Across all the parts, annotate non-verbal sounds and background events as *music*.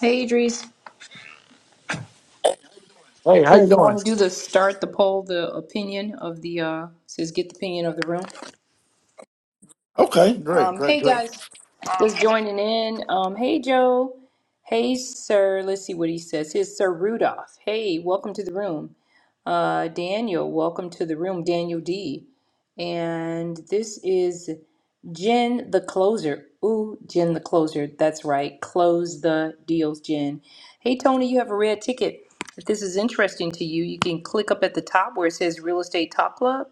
Hey, Idris. Hey, how you Good. you want doing? to do the start the poll, the opinion of the uh says get the opinion of the room. Okay, great, Um, great, hey great. guys, just joining in. Um, hey Joe. Hey sir. Let's see what he says. Here's Sir Rudolph. Hey, welcome to the room. Uh, Daniel, welcome to the room. Daniel D. And this is. Jen the closer. Ooh, Jen the closer. That's right. Close the deals, Jen. Hey, Tony, you have a red ticket. If this is interesting to you, you can click up at the top where it says Real Estate Talk Club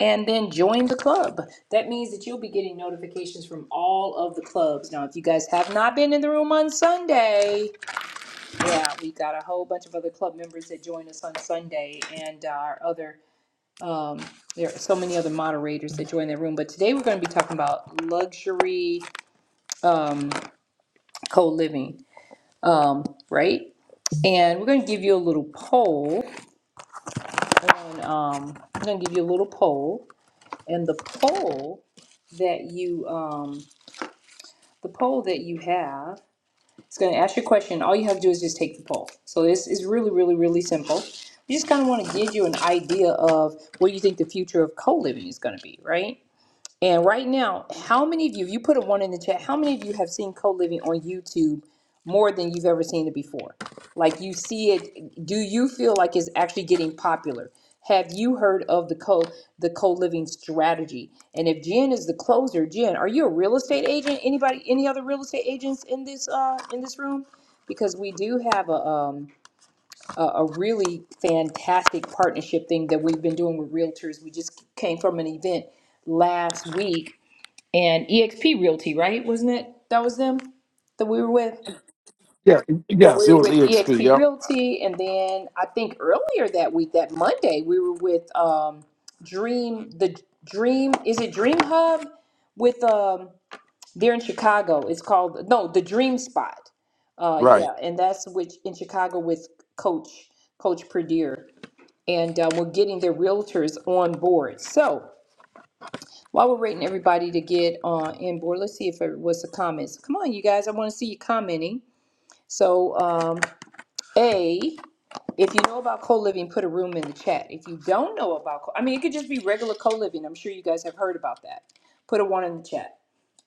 and then join the club. That means that you'll be getting notifications from all of the clubs. Now, if you guys have not been in the room on Sunday, yeah, we got a whole bunch of other club members that join us on Sunday and uh, our other um, there are so many other moderators that join that room, but today we're going to be talking about luxury um, co-living, um, right? And we're gonna give you a little poll on, um, I'm gonna give you a little poll. And the poll that you, um, the poll that you have, it's gonna ask your question. All you have to do is just take the poll. So this is really, really, really simple. We just kind of want to give you an idea of what you think the future of co-living is gonna be, right? And right now, how many of you, if you put a one in the chat, how many of you have seen co living on YouTube more than you've ever seen it before? Like you see it, do you feel like it's actually getting popular? Have you heard of the co the co living strategy? And if Jen is the closer, Jen, are you a real estate agent? Anybody, any other real estate agents in this uh in this room? Because we do have a um a, a really fantastic partnership thing that we've been doing with realtors. We just came from an event last week and EXP Realty, right? Wasn't it? That was them that we were with. Yeah, That yes, it we were was with EXP. EXP Yep. Realty, and then I think earlier that week, that Monday, we were with um, Dream. The Dream is it Dream Hub with um they're in Chicago. It's called no the Dream Spot. Uh, Right, yeah, and that's which in Chicago with Coach Coach Perdue, and uh, we're getting their realtors on board. So. While we're waiting everybody to get on in board, let's see if it was the comments. Come on, you guys, I want to see you commenting. So, um, A, if you know about co-living, put a room in the chat. If you don't know about, co- I mean, it could just be regular co-living. I'm sure you guys have heard about that. Put a one in the chat.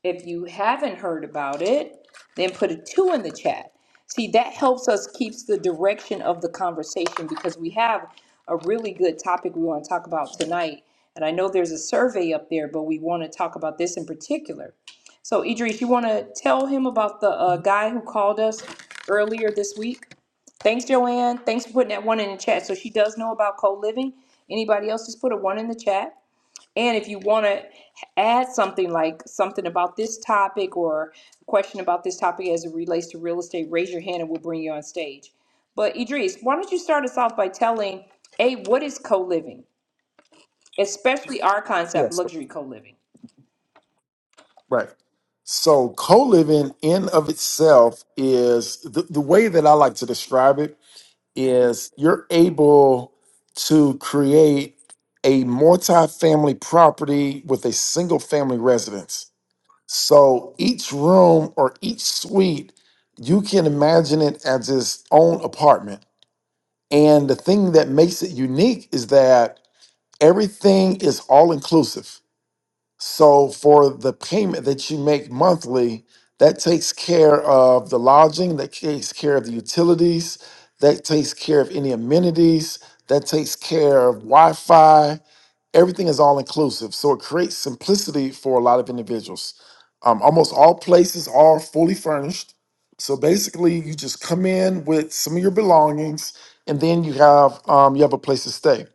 If you haven't heard about it, then put a two in the chat. See, that helps us keeps the direction of the conversation because we have a really good topic we want to talk about tonight. And I know there's a survey up there, but we want to talk about this in particular. So, Idris, you want to tell him about the uh, guy who called us earlier this week? Thanks, Joanne. Thanks for putting that one in the chat. So she does know about co living. Anybody else, just put a one in the chat. And if you want to add something like something about this topic or a question about this topic as it relates to real estate, raise your hand and we'll bring you on stage. But Idris, why don't you start us off by telling A, what is co living, especially our concept, Yes. luxury co living? right. So co-living in of itself is the, the way that I like to describe it is you're able to create a multi-family property with a single family residence. So each room or each suite, you can imagine it as its own apartment. And the thing that makes it unique is that everything is all inclusive. So for the payment that you make monthly, that takes care of the lodging, that takes care of the utilities, that takes care of any amenities, that takes care of Wi-Fi. Everything is all inclusive. So it creates simplicity for a lot of individuals. Um, almost all places are fully furnished. So basically, you just come in with some of your belongings, and then you have um, you have a place to stay.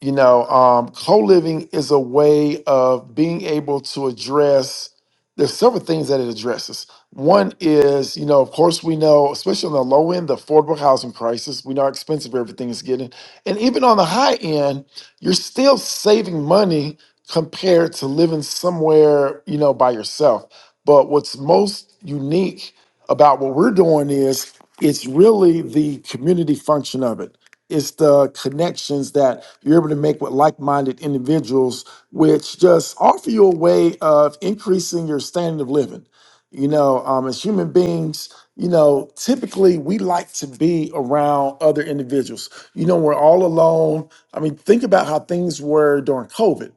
You know, um, co-living is a way of being able to address. There's several things that it addresses. One is, you know, of course, we know, especially on the low end, the affordable housing crisis. We know how expensive everything is getting, and even on the high end, you're still saving money compared to living somewhere, you know, by yourself. But what's most unique about what we're doing is it's really the community function of it it's the connections that you're able to make with like-minded individuals which just offer you a way of increasing your standard of living you know um, as human beings you know typically we like to be around other individuals you know we're all alone i mean think about how things were during covid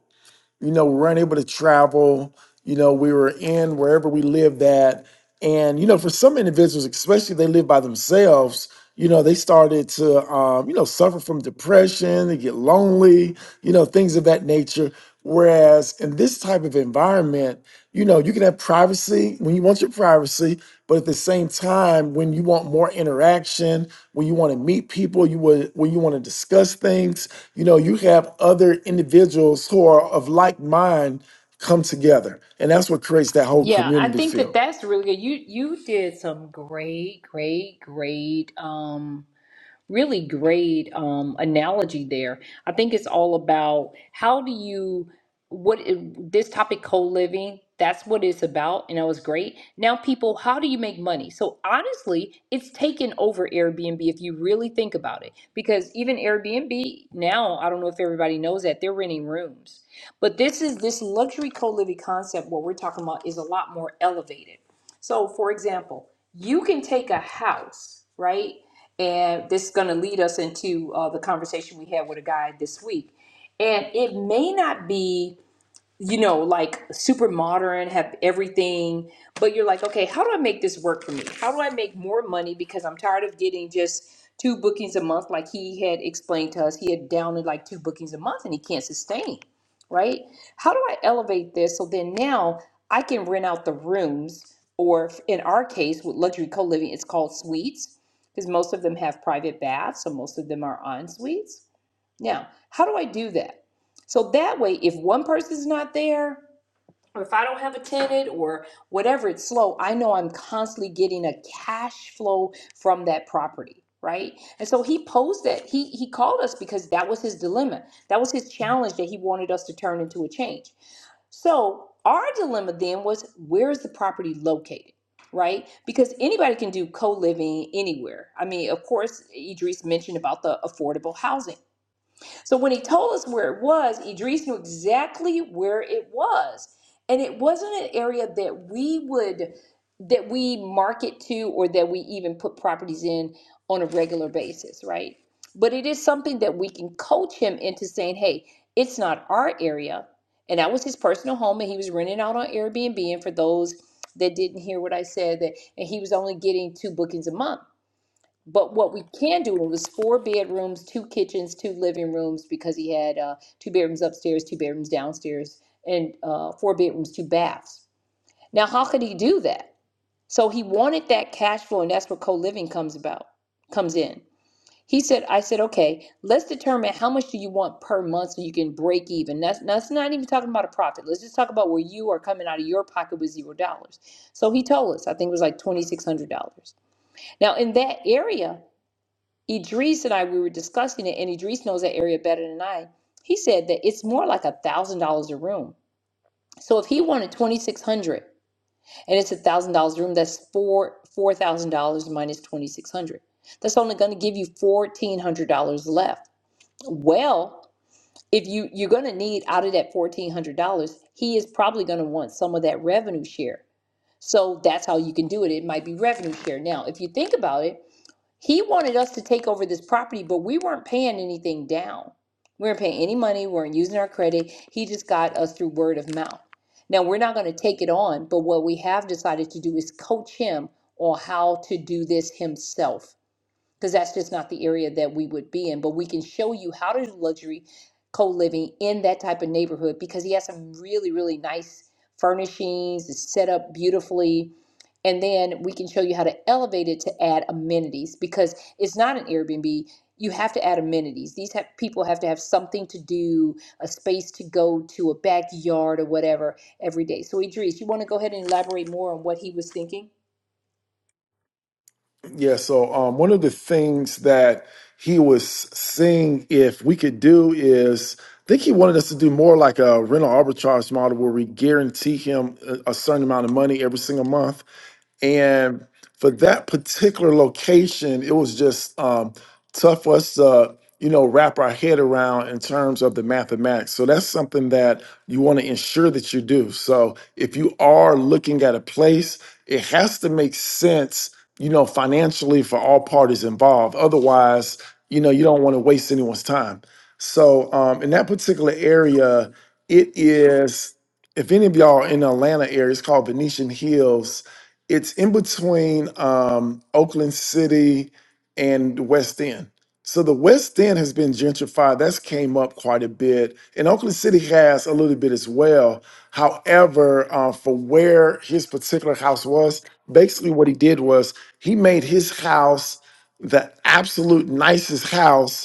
you know we weren't able to travel you know we were in wherever we lived at and you know, for some individuals, especially if they live by themselves, you know, they started to um, you know suffer from depression, they get lonely, you know, things of that nature. Whereas in this type of environment, you know, you can have privacy when you want your privacy, but at the same time, when you want more interaction, when you want to meet people, you would when you want to discuss things, you know, you have other individuals who are of like mind come together. And that's what creates that whole Yeah, I community think that feel. that's really good. You you did some great, great, great. Um, really great um, analogy there. I think it's all about how do you what it- this topic co-living that's what it's about and that was great now people how do you make money so honestly it's taken over airbnb if you really think about it because even airbnb now i don't know if everybody knows that they're renting rooms but this is this luxury co-living concept what we're talking about is a lot more elevated so, for example, you can take a house, right? And this is going to lead us into uh, the conversation we had with a guy this week. And it may not be you know, like super modern, have everything, but you're like, okay, how do I make this work for me? How do I make more money? Because I'm tired of getting just two bookings a month, like he had explained to us. He had downed like two bookings a month and he can't sustain, right? How do I elevate this so then now I can rent out the rooms, or in our case, with luxury co living, it's called suites because most of them have private baths, so most of them are en suites. Now, how do I do that? So that way, if one person's not there, or if I don't have a tenant or whatever, it's slow, I know I'm constantly getting a cash flow from that property. Right. And so he posed that he he called us because that was his dilemma. That was his challenge that he wanted us to turn into a change. So our dilemma then was where is the property located? Right? Because anybody can do co-living anywhere. I mean, of course, Idris mentioned about the affordable housing. So when he told us where it was, Idris knew exactly where it was. And it wasn't an area that we would that we market to or that we even put properties in on a regular basis, right? But it is something that we can coach him into saying, "Hey, it's not our area." And that was his personal home and he was renting out on Airbnb and for those that didn't hear what I said that and he was only getting two bookings a month. But what we can do, it was four bedrooms, two kitchens, two living rooms, because he had uh, two bedrooms upstairs, two bedrooms downstairs, and uh, four bedrooms, two baths. Now, how could he do that? So he wanted that cash flow, and that's where co-living comes about, comes in. He said, I said, okay, let's determine how much do you want per month so you can break even. That's, that's not even talking about a profit. Let's just talk about where you are coming out of your pocket with zero dollars. So he told us, I think it was like $2,600. Now, in that area, Idris and I, we were discussing it, and Idris knows that area better than I. He said that it's more like a thousand dollars a room. So if he wanted twenty six hundred, and it's a thousand dollars a room, that's four four thousand dollars minus twenty six hundred. That's only going to give you fourteen hundred dollars left. Well, if you you're going to need out of that fourteen hundred dollars, he is probably going to want some of that revenue share. So that's how you can do it. It might be revenue share. Now, if you think about it he wanted us to take over this property, but we weren't paying anything down. We weren't paying any money. We weren't using our credit. He just got us through word of mouth. Now, we're not going to take it on, but what we have decided to do is coach him on how to do this himself because that's just not the area that we would be in. But we can show you how to do luxury co-living in that type of neighborhood because he has some really, really nice furnishings, it's set up beautifully. And then we can show you how to elevate it to add amenities because it's not an Airbnb. You have to add amenities. These have, people have to have something to do, a space to go to, a backyard or whatever every day. So, Idris, you want to go ahead and elaborate more on what he was thinking? Yeah, so um, one of the things that he was seeing if we could do is, I think he wanted us to do more like a rental arbitrage model where we guarantee him a, a certain amount of money every single month. And for that particular location, it was just um, tough for us to, you know, wrap our head around in terms of the mathematics. So that's something that you want to ensure that you do. So if you are looking at a place, it has to make sense, you know, financially for all parties involved. Otherwise, you know, you don't want to waste anyone's time. So um, in that particular area, it is, if any of y'all are in the Atlanta area, it's called Venetian Hills it's in between um, Oakland City and the West End. So the West End has been gentrified. That's came up quite a bit, and Oakland City has a little bit as well. However, uh, for where his particular house was, basically what he did was he made his house the absolute nicest house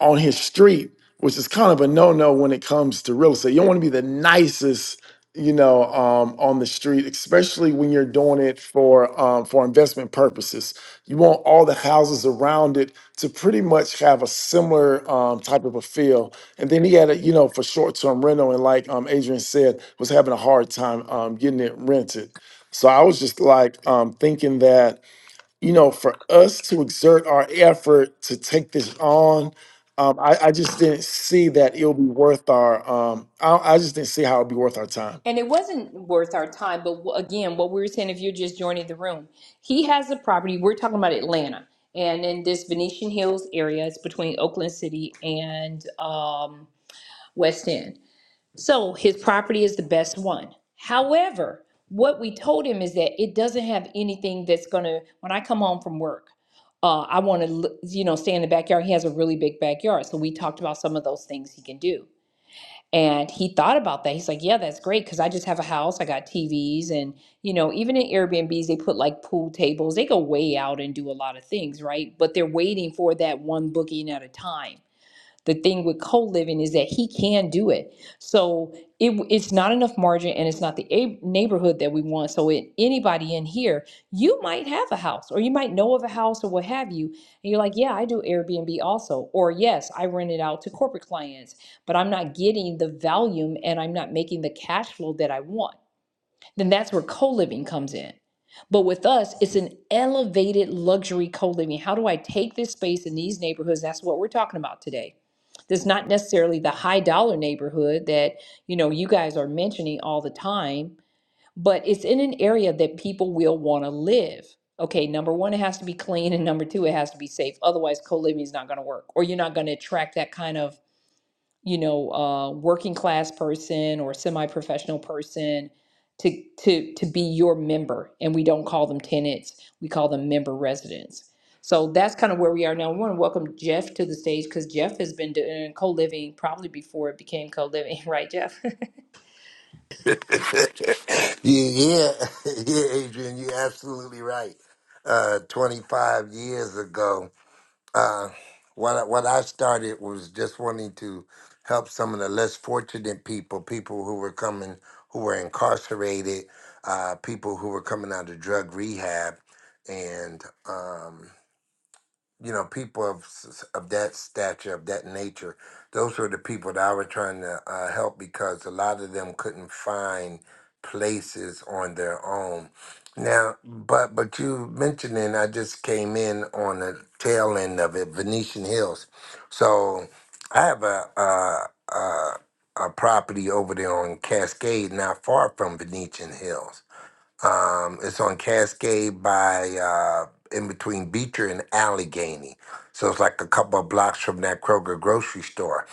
on his street, which is kind of a no-no when it comes to real estate. You don't want to be the nicest, you know, um, on the street, especially when you're doing it for um, for investment purposes. You want all the houses around it to pretty much have a similar um, type of a feel. And then he had it, you know, for short-term rental, and like um, Adrian said, was having a hard time um, getting it rented. So I was just like um, thinking that you know, for us to exert our effort to take this on, um, I, I just didn't see that it'll be worth our. Um, I, I just didn't see how it'll be worth our time. And it wasn't worth our time, but wh- again, what we were saying, if you're just joining the room, he has a property. We're talking about Atlanta, and in this Venetian Hills area, it's between Oakland City and um, West End. So his property is the best one. However, what we told him is that it doesn't have anything that's gonna. When I come home from work, uh, I want to, you know, stay in the backyard. He has a really big backyard, so we talked about some of those things he can do. And he thought about that. He's like, yeah, that's great because I just have a house. I got TVs. And, you know, even in Airbnbs, they put like pool tables. They go way out and do a lot of things, right? But they're waiting for that one booking at a time. The thing with co-living is that he can do it. So it, it's not enough margin and it's not the a- neighborhood that we want. So in anybody in here, you might have a house or you might know of a house or what have you. And you're like, yeah, I do Airbnb also. Or yes, I rent it out to corporate clients, but I'm not getting the volume and I'm not making the cash flow that I want then that's where co living comes in. But with us, it's an elevated luxury co living. How do I take this space in these neighborhoods? That's what we're talking about today. That's not necessarily the high dollar neighborhood that you know you guys are mentioning all the time, but it's in an area that people will want to live. Okay, number one, it has to be clean, and number two, it has to be safe. Otherwise, co living is not going to work, or you're not going to attract that kind of you know, uh, working class person or semi-professional person to to to be your member, and we don't call them tenants; we call them member residents. So that's kind of where we are now. We want to welcome Jeff to the stage because Jeff has been doing co-living probably before it became co-living, *laughs* right, Jeff? *laughs* yeah, yeah, yeah, Adrian, you're absolutely right. Uh, 25 years ago, uh, what I, what I started was just wanting to help some of the less fortunate people, people who were coming, who were incarcerated, uh, people who were coming out of drug rehab, and um, you know, people of s- of that stature, of that nature, those were the people that I was trying to uh, help because a lot of them couldn't find places on their own. Now, but but you mentioning, I just came in on the tail end of it, Venetian Hills. So I have a a, a, a property over there on Cascade, not far from Venetian Hills um, it's on Cascade by uh, in between Beecher and Allegheny. So it's like a couple of blocks from that Kroger grocery store.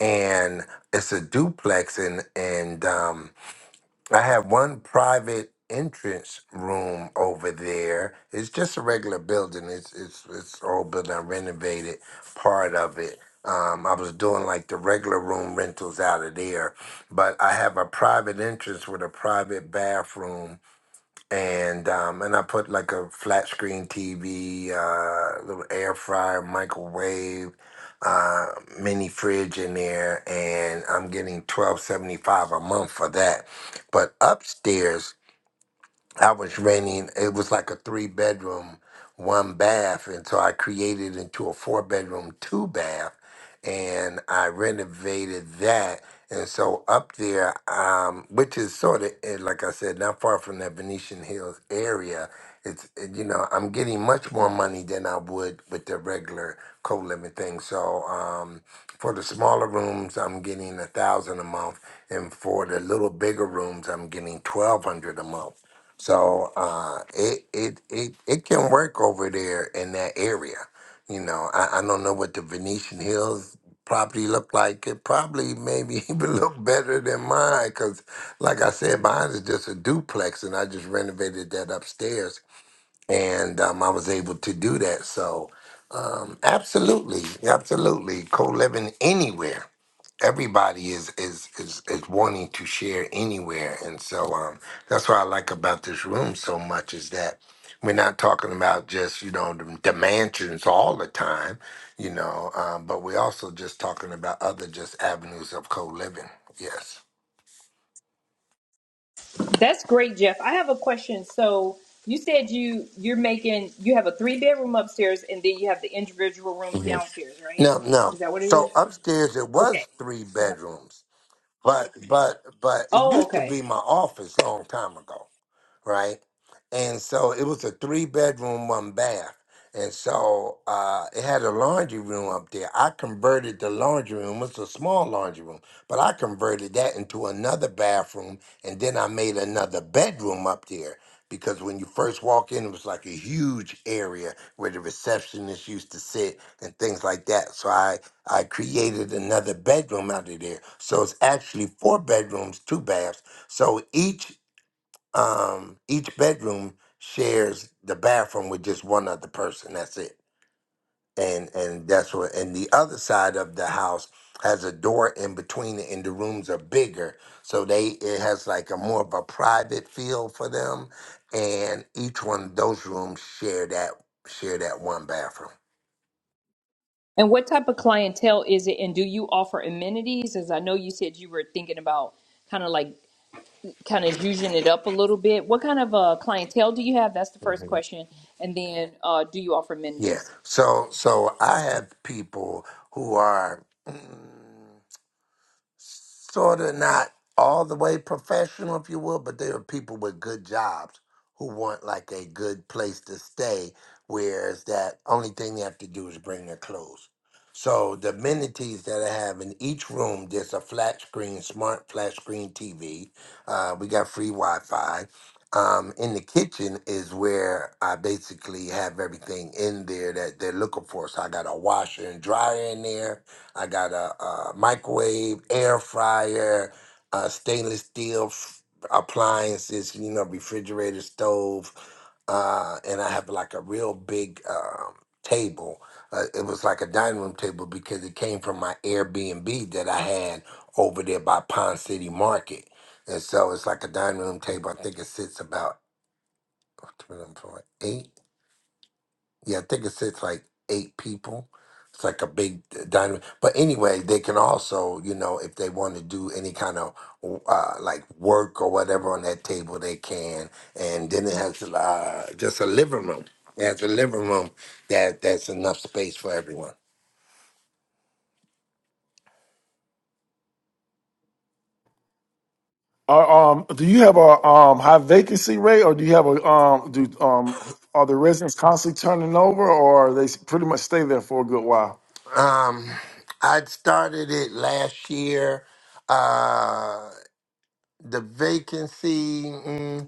And it's a duplex and and um, I have one private entrance room over there. It's just a regular building. It's it's it's an old building. I renovated part of it. Um, I was doing like the regular room rentals out of there, but I have a private entrance with a private bathroom and um, and I put like a flat screen TV, uh, little air fryer, microwave, uh, mini fridge in there, and I'm getting twelve seventy five a month for that. But upstairs I was renting, it was like a three bedroom, one bath. And so I created into a four bedroom, two bath. And I renovated that. And so up there, um, which is sort of, eh, like I said, not far from that Venetian Hills area, it's, eh, you know, I'm getting much more money than I would with the regular co living thing. So um, for the smaller rooms, I'm getting a thousand a month. And for the little bigger rooms, I'm getting 1200 a month. So uh, it, it it it can work over there in that area. You know, I, I don't know what the Venetian Hills property look like. It probably maybe *laughs* even look better than mine because, like I said, mine is just a duplex, and I just renovated that upstairs, and um, I was able to do that. So, um, absolutely, absolutely, co-living anywhere everybody is is is is wanting to share anywhere and so um that's what i like about this room so much is that we're not talking about just you know the, the mansions all the time you know um but we're also just talking about other just avenues of co-living yes *laughs* that's great, Jeff. I have a question. So you said you you're making you have a three bedroom upstairs, and then you have the individual rooms Mhm. downstairs, right? no Is no that what it is? so upstairs it Okay. was three bedrooms but but but it Oh, used to okay. be my office long time ago right? And so it was a three bedroom, one bath. And so uh, it had a laundry room up there. I converted the laundry room, it's a small laundry room, but I converted that into another bathroom. And then I made another bedroom up there because when you first walk in, it was like a huge area where the receptionist used to sit and things like that. So I, I created another bedroom out of there. So it's actually four bedrooms, two baths. So each um, each bedroom shares the bathroom with just one other person. That's it. And and that's what. And the other side of the house has a door in between it, and the rooms are bigger, so they it has like a more of a private feel for them. And each one of those rooms share that share that one bathroom. And what type of clientele is it? And do you offer amenities? As I know you said you were thinking about kind of like kind of using it up a little bit. What kind of uh, clientele do you have? That's the first Mhm. question. And then uh, do you offer Yeah. amenities? So so I have people who are. mm, sort of not all the way professional, if you will, but there are people with good jobs who want like a good place to stay, whereas that only thing they have to do is bring their clothes. So the amenities that I have in each room, there's a flat screen, smart flat screen TV. Uh, we got free Wi-Fi. Um, in the kitchen is where I basically have everything in there that they're looking for. So I got a washer and dryer in there. I got a, a microwave, air fryer, uh, stainless steel f- appliances, you know, refrigerator, stove, uh, and I have like a real big um, table. Uh, it was like a dining room table because it came from my Airbnb that I had over there by Pond City Market. And so it's like a dining room table. I think it sits about eight yeah, I think it sits like eight people. It's like a big dynamic. But anyway, they can also, you know, if they want to do any kind of uh, like work or whatever on that table, they can. And then it has uh, just a living room. It has a living room that that's enough space for everyone. Are, um, do you have a um, high vacancy rate, or do you have a um, do um, are the residents constantly turning over, or are they s- pretty much stay there for a good while? Um, I started it last year. Uh, the vacancy. mm,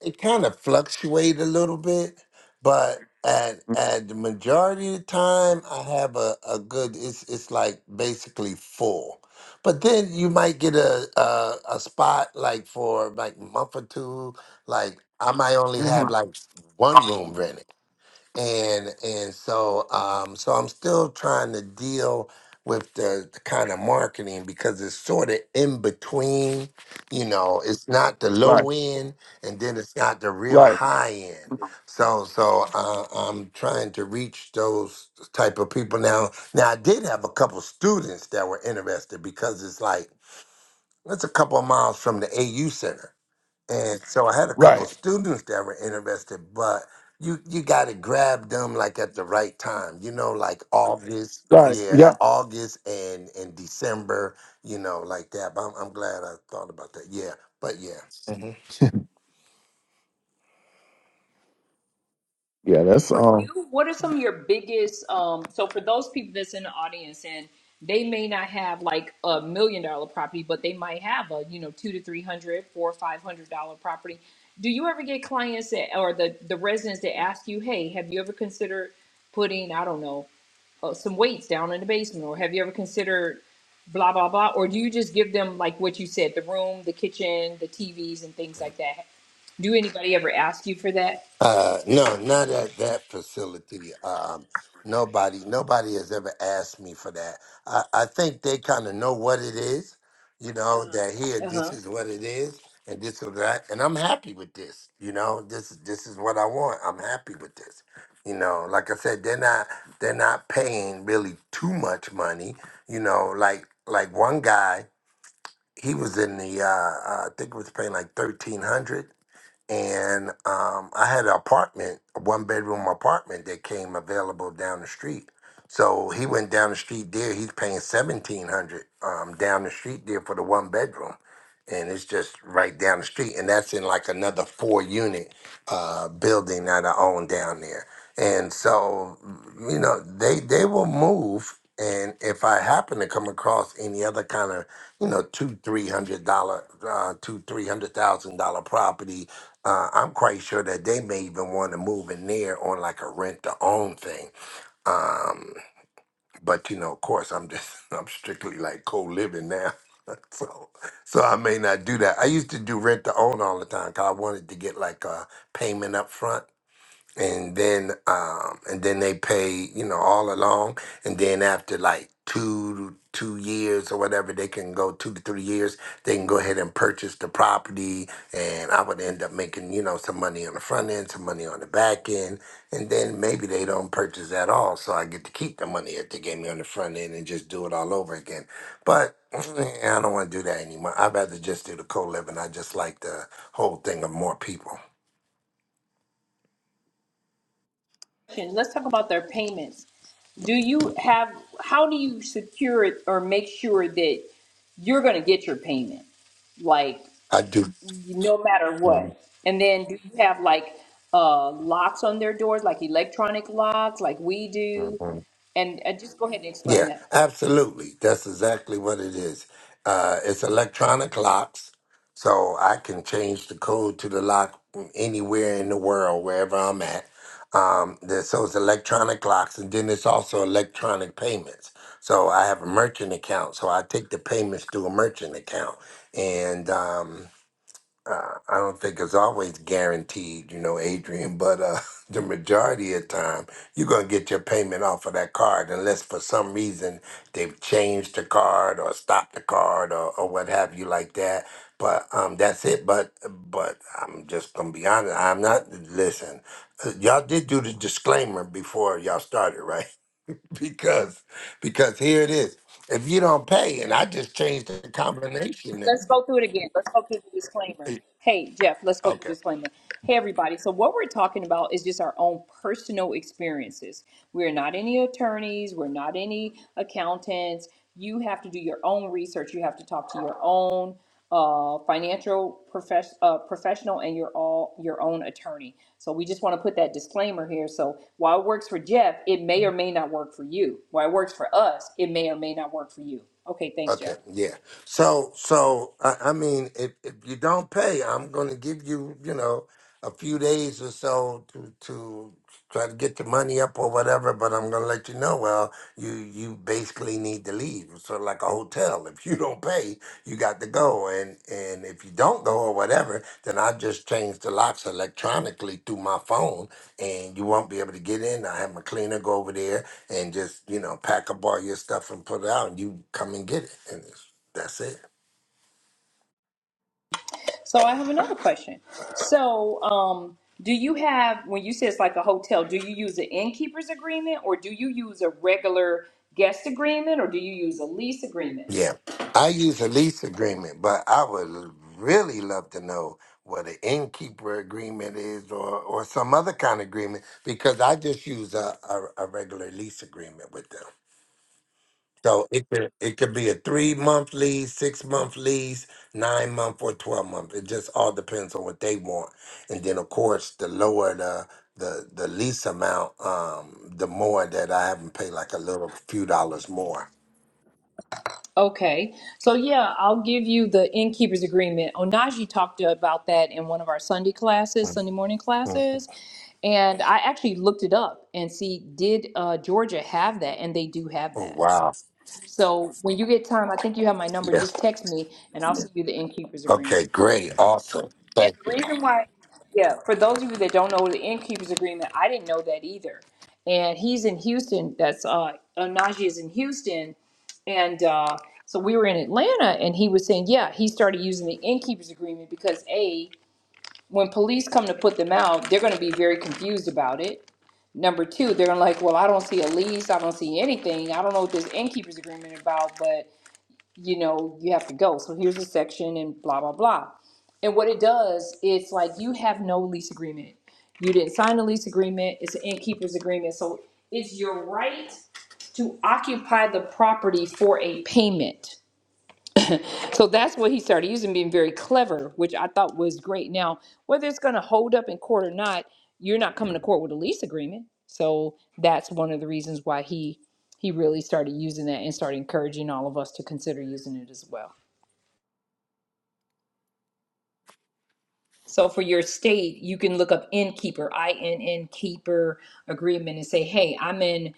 it kind of fluctuate a little bit, but at hmm at the majority of the time I have a, a good it's it's like basically full. But then you might get a, a a spot like for like a month or two. Like I might only hmm have like one room rented and and so um so i'm still trying to deal with the, the kind of marketing because it's sort of in between you know it's not the Right, low end and then it's not the real right, high end so so uh, i'm trying to reach those type of people now now i did have a couple students that were interested because it's like that's a couple of miles from the au center and so I had a couple right, students that were interested, but you you got to grab them like at the right time, you know, like August, right. yeah, Yeah, at August and and December, you know, like that. But I'm, I'm glad I thought about that. Yeah, but yeah. Mhm. yeah. That's for um. you, what are some of your biggest um so for those people that's in the audience and they may not have like a million dollar property, but they might have a, you know, two to three hundred, four five hundred dollar property. Do you ever get clients that or the the residents that ask you, hey, have you ever considered putting, I don't know, uh, some weights down in the basement or have you ever considered blah blah blah or do you just give them like what you said the room the kitchen the tvs and things like that do anybody ever ask you for that Uh, no, not at that facility. Um, nobody, nobody has ever asked me for that. I, I think they kind of know what it is, you know, Uh-huh. that here, Uh this huh. is what it is, and this is that, and I'm happy with this. You know, this is this is what I want. I'm happy with this. You know, like I said, they're not they're not paying really too much money. You know, like like one guy, he was in the uh, uh I think it was paying like thirteen hundred and um, I had an apartment, a one bedroom apartment that came available down the street. So he went down the street there. He's paying seventeen hundred um, down the street there for the one bedroom, and it's just right down the street. And that's in like another four unit uh, building that I own down there. And so, you know, they they will move. And if I happen to come across any other kind of, you know, two three hundred dollar, uh, two three hundred thousand dollar property uh, I'm quite sure that they may even want to move in there on like a rent to own thing. Um, but you know, of course, I'm just *laughs* I'm strictly like co-living now, *laughs* so so I may not do that. I used to do rent to own all the time because I wanted to get like a payment up front and then um and then they pay you know all along and then after like two two years or whatever they can go two to three years they can go ahead and purchase the property and i would end up making you know some money on the front end some money on the back end and then maybe they don't purchase at all so i get to keep the money that they gave me on the front end and just do it all over again but *sniffs* eh, i don't want to do that anymore i'd rather just do the co-living i just like the whole thing of more people Let's talk about their payments. Do you have, how do you secure it or make sure that you're going to get your payment? Like, i do no matter what. And then do you have like uh, locks on their doors, like electronic locks, like we do? Mhm. And uh, just go ahead and explain Yeah, that. absolutely. That's exactly what it is. Uh, it's electronic locks, so I can change the code to the lock anywhere in the world, wherever I'm at. Um, there- so it's electronic locks, and then it's also electronic payments. So I have a merchant account, so I take the payments through a merchant account, and um, uh, I don't think it's always guaranteed, you know, Adrian, but uh, *laughs* the majority of the time, you're going to get your payment off of that card unless for some reason they've changed the card or stopped the card or, or what have you like that. But um, that's it. But but I'm just going to be honest. I'm not, listen, uh, y'all did do the disclaimer before y'all started, right? *laughs* because because here it is. If you don't pay, and I just changed the combination. that- let's go through it again. Let's go through the disclaimer. Hey, Jeff, let's go through Okay. the disclaimer. Hey, everybody. So, what we're talking about is just our own personal experiences. We're not any attorneys, we're not any accountants. You have to do your own research, you have to talk to your own uh, financial profes- uh, professional and your all your own attorney. So we just want to put that disclaimer here. So while it works for Jeff, it may or may not work for you. While it works for us, it may or may not work for you. Okay, thanks, Okay, Jeff. yeah. So, so I, I mean, if if you don't pay, I'm going to give you, you know, a few days or so to to try to get the money up or whatever. But I'm going to let you know. Well, you you basically need to leave. It's sort of like a hotel. If you don't pay, you got to go. And and if you don't go or whatever, then I just change the locks electronically through my phone, and you won't be able to get in. I have my cleaner go over there and just you know pack up all your stuff and put it out and you come and get it and it's, that's it So I have another question. So, um, do you have when you say it's like a hotel? Do you use an innkeeper's agreement, or do you use a regular guest agreement, or do you use a lease agreement? yeah i use a lease agreement but i would really love to know what an innkeeper agreement is or or some other kind of agreement because i just use a, a, a regular lease agreement with them So it could it could be a three month lease, six month lease, nine month or twelve month. It just all depends on what they want. And then of course the lower the the, the lease amount, um, the more that I have them pay like a little few dollars more. Okay, so yeah, I'll give you the innkeeper's agreement. Onaji talked about that in one of our Sunday classes, Mm, Sunday morning mm. classes, and I actually looked it up and see did uh, Georgia have that, and they do have Oh that. wow. So when you get time, I think you have my number. Yeah. Just text me, and I'll send you the innkeeper's agreement. Okay, great. Awesome. And Thank the you. reason why, yeah, for those of you that don't know the innkeeper's agreement, I didn't know that either. And he's in Houston. That's uh, uh, Najee is in Houston, and uh, so we were in Atlanta, and he was saying, yeah, he started using the innkeeper's agreement because a when police come to put them out, they're going to be very confused about it. Number two, they're gonna like, well, I don't see a lease, I don't see anything, I don't know what this innkeeper's agreement about, but you know, you have to go. So here's a section and blah, blah, blah. And what it does, it's like you have no lease agreement. You didn't sign a lease agreement, it's an innkeeper's agreement. So it's your right to occupy the property for a payment. So that's what he started using, being very clever, which I thought was great. Now, whether it's going to hold up in court or not, you're not coming to court with a lease agreement. So that's one of the reasons why he he really started using that and started encouraging all of us to consider using it as well. So for your state, you can look up innkeeper, INN keeper agreement and say, hey, I'm in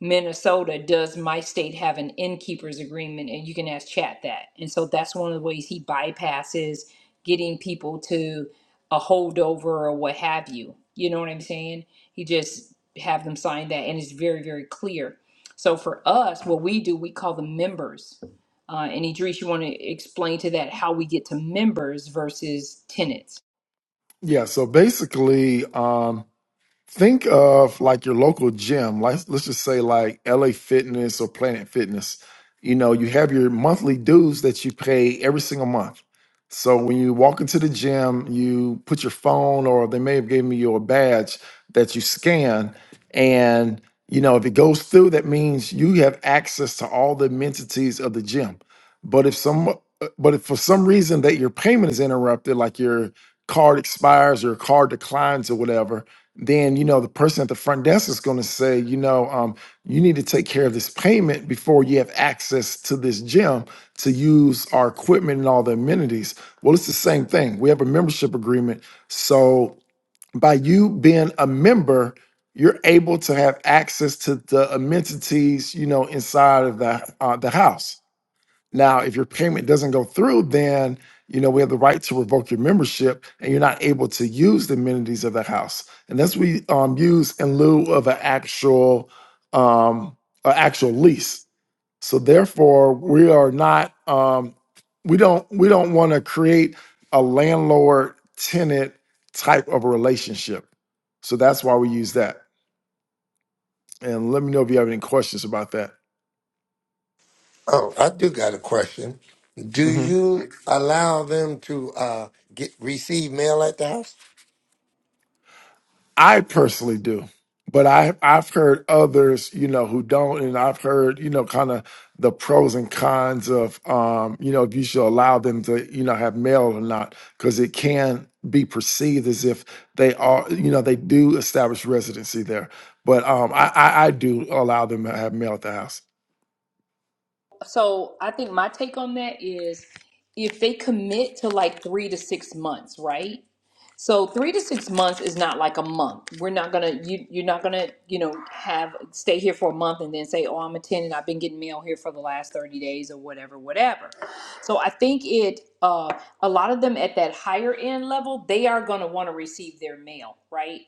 Minnesota. Does my state have an innkeeper's agreement? And you can ask chat that. And so that's one of the ways he bypasses getting people to a holdover or what have you. You know what I'm saying? He just have them sign that and it's very, very clear. So for us, what we do, we call them members. Uh, and Idris, you want to explain to that how we get to members versus tenants? Yeah, so basically, um, Think of like your local gym. Like let's just say like LA Fitness or Planet Fitness. You know, you have your monthly dues that you pay every single month. So when you walk into the gym, you put your phone or they may have given you a badge that you scan and you know, if it goes through that means you have access to all the amenities of the gym. But if some uh, but if for some reason that your payment is interrupted like your card expires or your card declines or whatever, then you know the person at the front desk is going to say you know um, you need to take care of this payment before you have access to this gym to use our equipment and all the amenities well it's the same thing we have a membership agreement so by you being a member you're able to have access to the amenities you know inside of the uh, the house now, if your payment doesn't go through, then you know we have the right to revoke your membership, and you're not able to use the amenities of the house. And that's we um, use in lieu of an actual um, an actual lease. So therefore, we are not um, we don't we don't want to create a landlord tenant type of a relationship. So that's why we use that. And let me know if you have any questions about that. Oh, I do got a question. Do you allow them to uh get receive mail at the house? I personally do, but I I've heard others, you know, who don't, and I've heard, you know, kind of the pros and cons of, um, you know, if you should allow them to, you know, have mail or not, because it can be perceived as if they are, you know, they do establish residency there. But um, I, I I do allow them to have mail at the house. So I think my take on that is if they commit to like three to six months, right? So three to six months is not like a month. We're not gonna you you're not gonna you know have stay here for a month and then say oh I'm a tenant I've been getting mail here for the last thirty days or whatever whatever. So I think it uh, a lot of them at that higher end level they are gonna want to receive their mail right.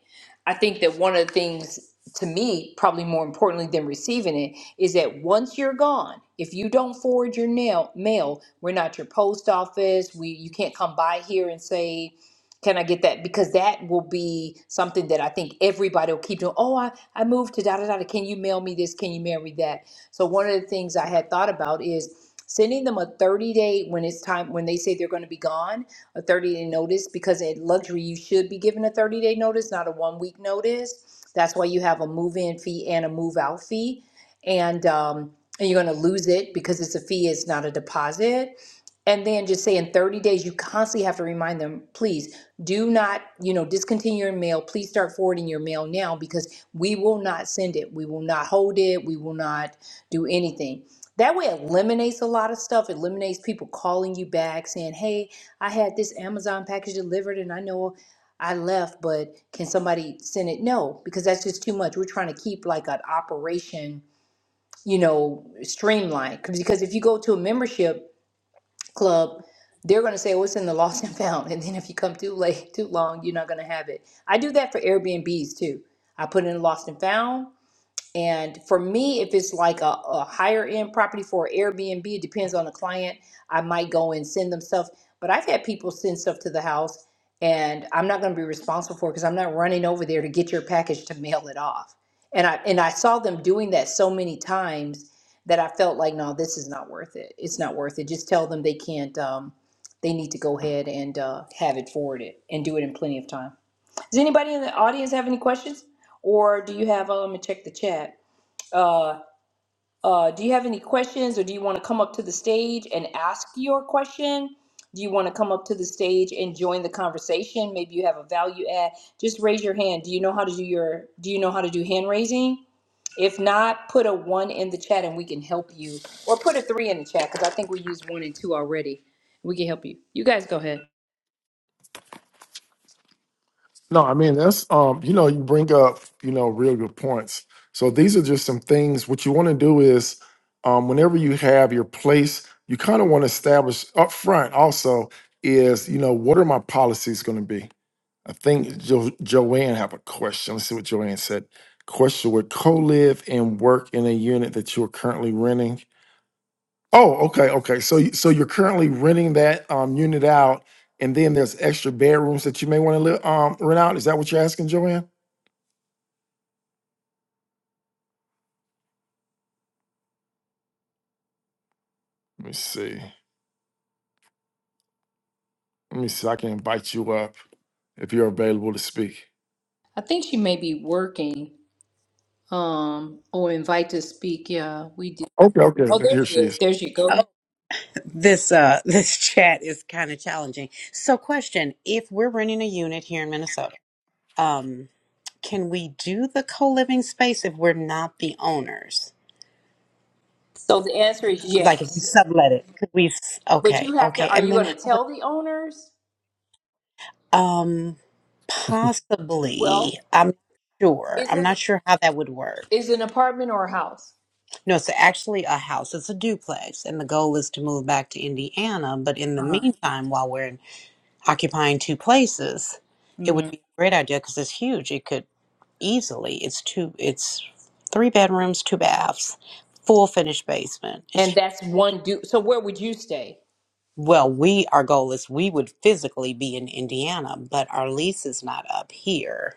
I think that one of the things to me probably more importantly than receiving it is that once you're gone, if you don't forward your nail, mail, we're not your post office. We you can't come by here and say, "Can I get that?" Because that will be something that I think everybody will keep doing. Oh, I I moved to da da da. Can you mail me this? Can you mail me that? So one of the things I had thought about is sending them a 30 day when it's time when they say they're going to be gone a 30 day notice because at luxury you should be given a 30 day notice not a one week notice that's why you have a move in fee and a move out fee and um, and you're going to lose it because it's a fee, it's not a deposit. And then just say in 30 days, you constantly have to remind them, please do not, you know, discontinue your mail. Please start forwarding your mail now because we will not send it. We will not hold it. We will not do anything. That way, it eliminates a lot of stuff. It eliminates people calling you back saying, hey, I had this Amazon package delivered and I know I left, but can somebody send it? No, because that's just too much. We're trying to keep like an operation you know, streamlined. 'Cause- Because if you go to a membership club, they're going to say, "Oh, it's in the lost and found," *laughs* and then if you come too late, too long, you're not going to have it. I do that for Airbnbs too. I put in lost and found, and for me, if it's like a, a higher end property for Airbnb, it depends on the client. I might go and send them stuff. But I've had people send stuff to the house and I'm not going to be responsible for it because I'm not running over there to get your package to mail it off. And I and I saw them doing that so many times that I felt like, no, this is not worth it. It's not worth it. Just tell them they can't um, they need to go ahead and uh, have it forwarded and do it in plenty of time. Does anybody in the audience have any questions? Or do you have, uh, let me check the chat. Uh, uh, do you have any questions or do you want to come up to the stage and ask your question? Do you want to come up to the stage and join the conversation? Maybe you have a value add. Just raise your hand. Do you know how to do your do you know how to do hand raising? If not, put a one in the chat and we can help you. Or put a three in the chat because I think we used one and two already. We can help you. You guys go ahead. No, I mean that's um, you know, you bring up, you know, real good points. So these are just some things. What you want to do is um whenever you have your place, you kind of want to establish up front also is, you know, what are my policies going to be? I think jo- Joanne have a question. Let's see what Joanne said. Question would co-live and work in a unit that you're currently renting. Oh, okay, okay. So, you- so you're currently renting that um, unit out, and then there's extra bedrooms that you may want to live, um, rent out. Is that what you're asking, Joanne? Let me see. Let me see. I can invite you up if you're available to speak. I think she may be working. Um, or invite to speak. Yeah, we did. Okay, Oh, okay. there Here she she is. is. There she Oh, go. this uh *laughs* this chat is kind of challenging. So question, if we're renting a unit here in Minnesota, um can we do the co-living space if we're not the owners? So the answer is Like if we yes. sublet it. Could we s- But okay, you have to, okay. are And you then going to how would tell the owners? um Well, possibly I'm not sure. is I'm it not sure how that would work. is it an apartment or a house? No, it's actually a house. It's a duplex and the goal is to move back to Indiana, but in the Uh-huh. meantime while we're in occupying two places, it would hmm be a great idea because it's huge. It could easily, it's two, it's three bedrooms, two baths, full finished basement. It's And hu- that's one do. So where would you stay? well, we, our goal is we would physically be in Indiana, but our lease is not up here.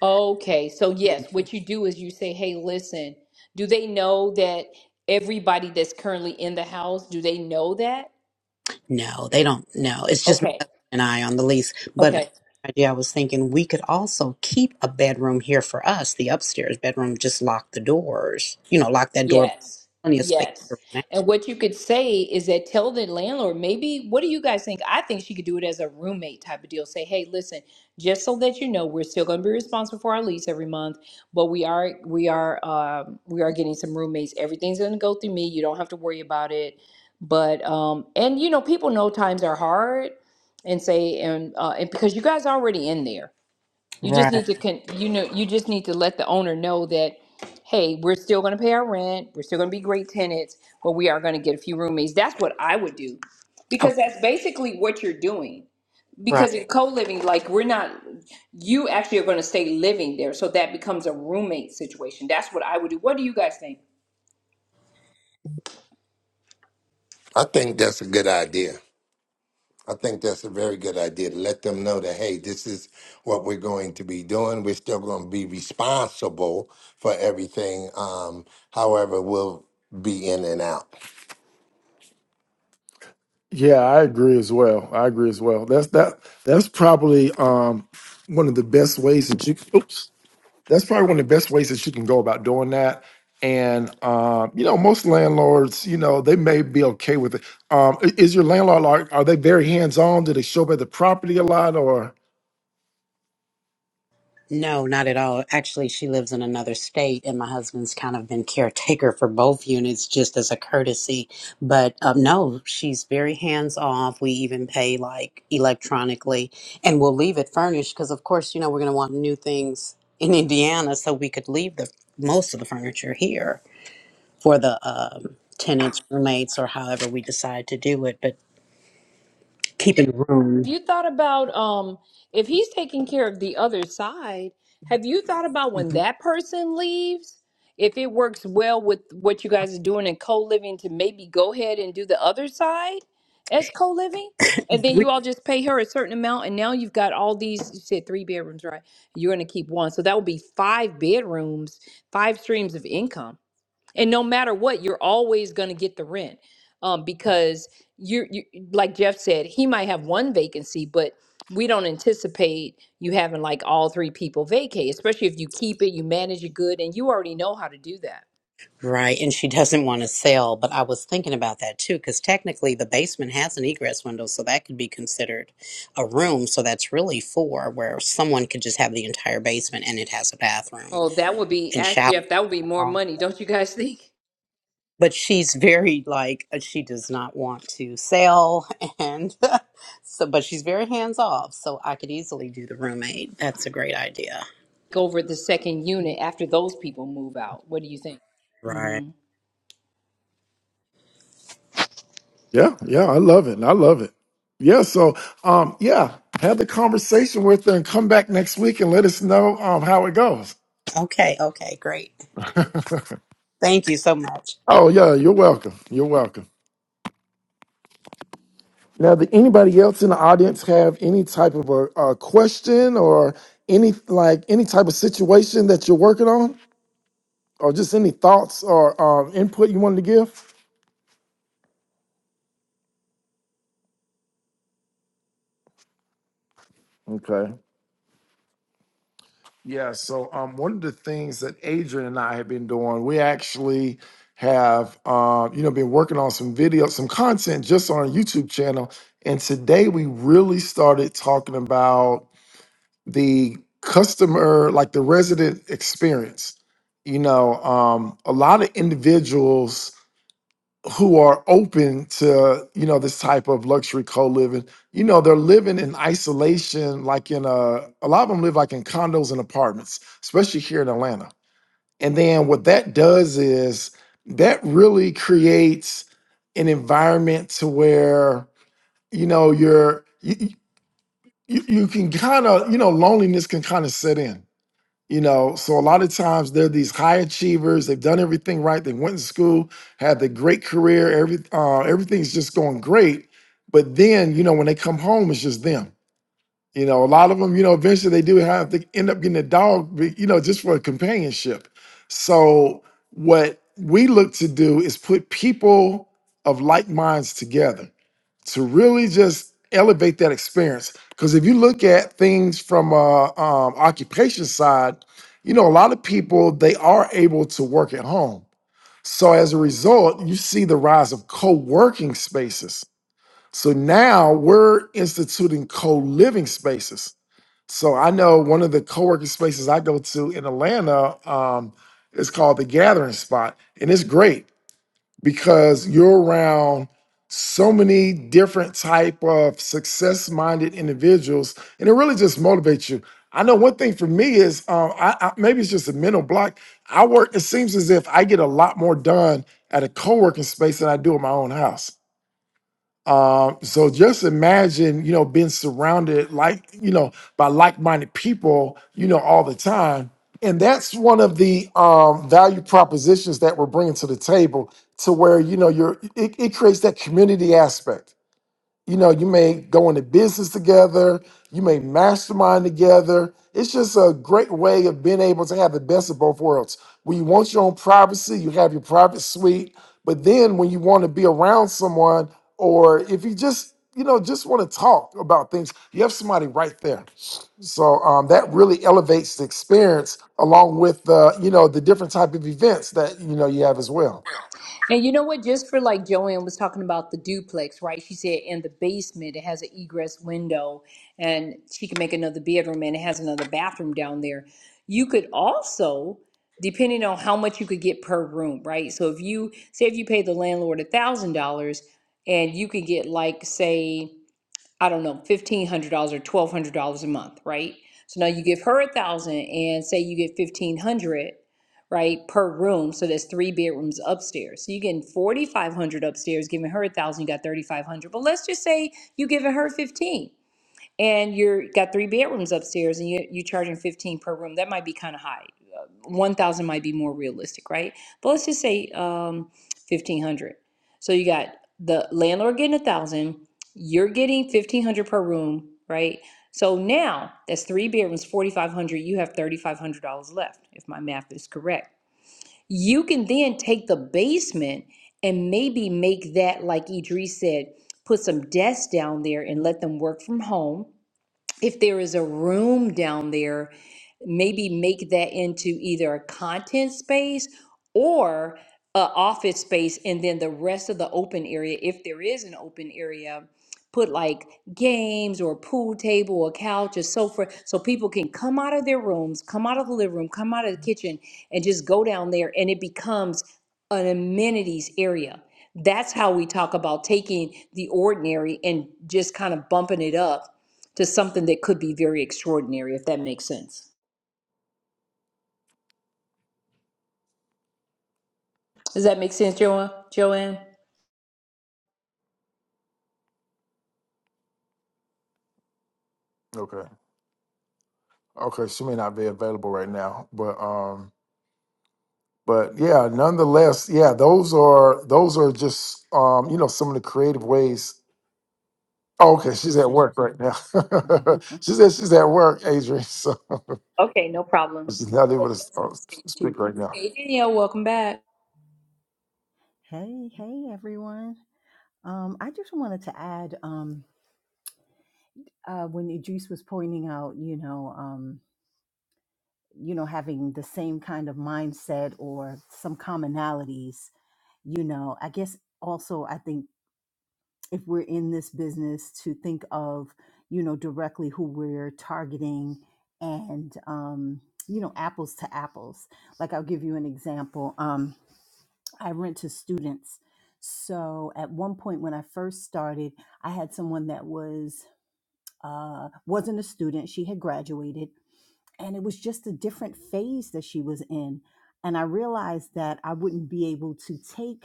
Okay. So yes, what you do is you say, "Hey, listen, do they know that everybody that's currently in the house, do they know that?" No, they don't. No, it's just my Okay. husband and I on the lease. But Okay. another idea I was thinking we could also keep a bedroom here for us, the upstairs bedroom, just lock the doors, you know, lock that door, Yes. plenty of space. Yes. for now. And what you could say is that tell the landlord, maybe, what do you guys think? I think she could do it as a roommate type of deal. Say, hey, listen, just so that you know, we're still going to be responsible for our lease every month, but we are, we are, um, we are getting some roommates. Everything's going to go through me. You don't have to worry about it. But, um, and you know, people know times are hard and say, and, uh, and because you guys are already in there. You just Right. need to con- you know you just need to let the owner know that hey, we're still going to pay our rent, we're still going to be great tenants, but we are going to get a few roommates. That's what I would do. Because that's basically what you're doing. Right. Because in co-living like we're not you actually are going to stay living there, so that becomes a roommate situation. That's what I would do. What do you guys think? I think that's a good idea. I think that's a very good idea to let them know that, hey, this is what we're going to be doing. We're still going to be responsible for everything. Um, however, we'll be in and out. Yeah, I agree as well. I agree as well. That's that. That's probably um, one of the best ways that you. Oops. that's probably one of the best ways that you can go about doing that. And um, you know, most landlords, you know, they may be okay with it. Um, i- is your landlord like are they very hands on? Do they show up at the property a lot or No, not at all. Actually, she lives in another state, and my husband's kind of been caretaker for both units just as a courtesy. But um, no, she's very hands off. We even pay like electronically, and we'll leave it furnished because, of course, you know, we're going to want new things in Indiana, so we could leave the most of the furniture here for the um, tenants, roommates, or however we decide to do it, but keeping Have room. you thought about um if he's taking care of the other side, have you thought about when Mhm. that person leaves? If it works well with what you guys are doing in co-living to maybe go ahead and do the other side as co-living? And then you all just pay her a certain amount and now you've got all these you said three bedrooms, right? You're gonna keep one. So that would be five bedrooms, five streams of income and no matter what you're always going to get the rent um, because you you like jeff said he might have one vacancy but we don't anticipate you having like all three people vacate especially if you keep it you manage it good and you already know how to do that Right, and she doesn't want to sell, but I was thinking about that too, because technically the basement has an egress window, so that could be considered a room. So that's really four, where someone could just have the entire basement and it has a bathroom oh that would be and ask shower. jeff that would be more money don't you guys think But she's very like uh, she does not want to sell, and *laughs* so but she's very hands off. So I could easily do the roommate. That's a great idea. over the second unit after those people move out what do you think Right. Mm-hmm. Yeah, yeah, I love it. I love it. yeah, so um yeah, have the conversation with them, come back next week and let us know um how it goes. Okay. Okay. Great. *laughs* Thank you so much. Oh yeah, you're welcome. You're welcome. Now, did anybody else in the audience have any type of a, a question or any like any type of situation that you're working on, or just any thoughts or um, input you wanted to give? Okay. Yeah. So, um, one of the things that Adrian and I have been doing, we actually have um, you know been working on some video, some content just on our YouTube channel, and today we really started talking about. the customer like the resident experience you know um a lot of individuals who are open to you know this type of luxury co-living you know they're living in isolation like in a a lot of them live like in condos and apartments especially here in Atlanta and then what that does is that really creates an environment to where you know you're you, you, you you can kind of you know loneliness can kind of set in you know, so a lot of times they're these high achievers. They've done everything right. They went to school, had the great career. Every uh, everything's just going great. But then, you know, when they come home, it's just them. You know, a lot of them, you know, eventually they do have to end up getting a dog, be- you know, just for companionship. So what we look to do is put people of like minds together to really just elevate that experience. Because if you look at things from a um, occupation side, you know, a lot of people they are able to work at home. So as a result, you see the rise of co-working spaces. So now we're instituting co-living spaces. So I know one of the co-working spaces I go to in Atlanta um, is called the Gathering Spot, and it's great because you're around so many different type of success-minded individuals, and it really just motivates you. I know one thing for me is um, I, I, maybe it's just a mental block. I work. It seems as if I get a lot more done at a co-working space than I do at my own house. Um, so just imagine, you know, being surrounded like, you know, by like-minded people, you know, all the time. And that's one of the um, value propositions that we're bringing to the table to where, you know, you're, it, it creates that community aspect you know, you may go into business together, you may mastermind together. It's just a great way of being able to have the best of both worlds. When you want your own privacy, you have your private suite. But then when you want to be around someone, or if you just, you know, just want to talk about things, you have somebody right there. So um, that really elevates the experience along with, uh, you know, the different type of events that, you know, you have as well. And you know what? Just for like Joanne was talking about the duplex, right? She said in the basement it has an egress window and she can make another bedroom and it has another bathroom down there. You could also, depending on how much you could get per room, right? So if you say if you pay the landlord a thousand dollars and you could get like say I don't know, fifteen hundred dollars or twelve hundred dollars a month, right? So now you give her a thousand and say you get fifteen hundred, right, per room. So there's three bedrooms upstairs. So you're getting forty five hundred upstairs, giving her a thousand, you got thirty five hundred. But let's just say you giving her fifteen and you're got three bedrooms upstairs and you, you're charging 15 per room that might be kind of high Uh, 1000 might be more realistic right but let's just say um, 1500 so you got the landlord getting a thousand you're getting 1500 per room right so now that's three bedrooms 4500 you have $3500 left if my math is correct you can then take the basement and maybe make that like idris said put some desks down there and let them work from home if there is a room down there, maybe make that into either a content space or a office space, and then the rest of the open area, if there is an open area, put like games or a pool table or couch or sofa, so people can come out of their rooms, come out of the living room, come out of the kitchen, and just go down there, and it becomes an amenities area. That's how we talk about taking the ordinary and just kind of bumping it up to something that could be very extraordinary, if that makes sense. Does that make sense, Joanne? Joanne? Okay. Okay. She may not be available right now, but um, but yeah, nonetheless, yeah, those are those are just um, you know, some of the creative ways. Oh, Oh, okay, she she's at said work she's at right now. work. *laughs* *laughs* she said she's at work, Adrian, *laughs* so Okay, no problem. she's not able to Danielle's on uh, the stage too. speak right now. Hey, Danielle, welcome back. hey, hey, everyone. Um, I just wanted to add, um, uh, when Idris was pointing out, you know, um, you know, having the same kind of mindset or some commonalities, you know, I guess also I think if we're in this business to think of, you know, directly who we're targeting and, um, you know, apples to apples. Like I'll give you an example. Um. I rent to students. So at one point when I first started, I had someone that was uh, wasn't a student. She had graduated, and it was just a different phase that she was in. And I realized that I wouldn't be able to take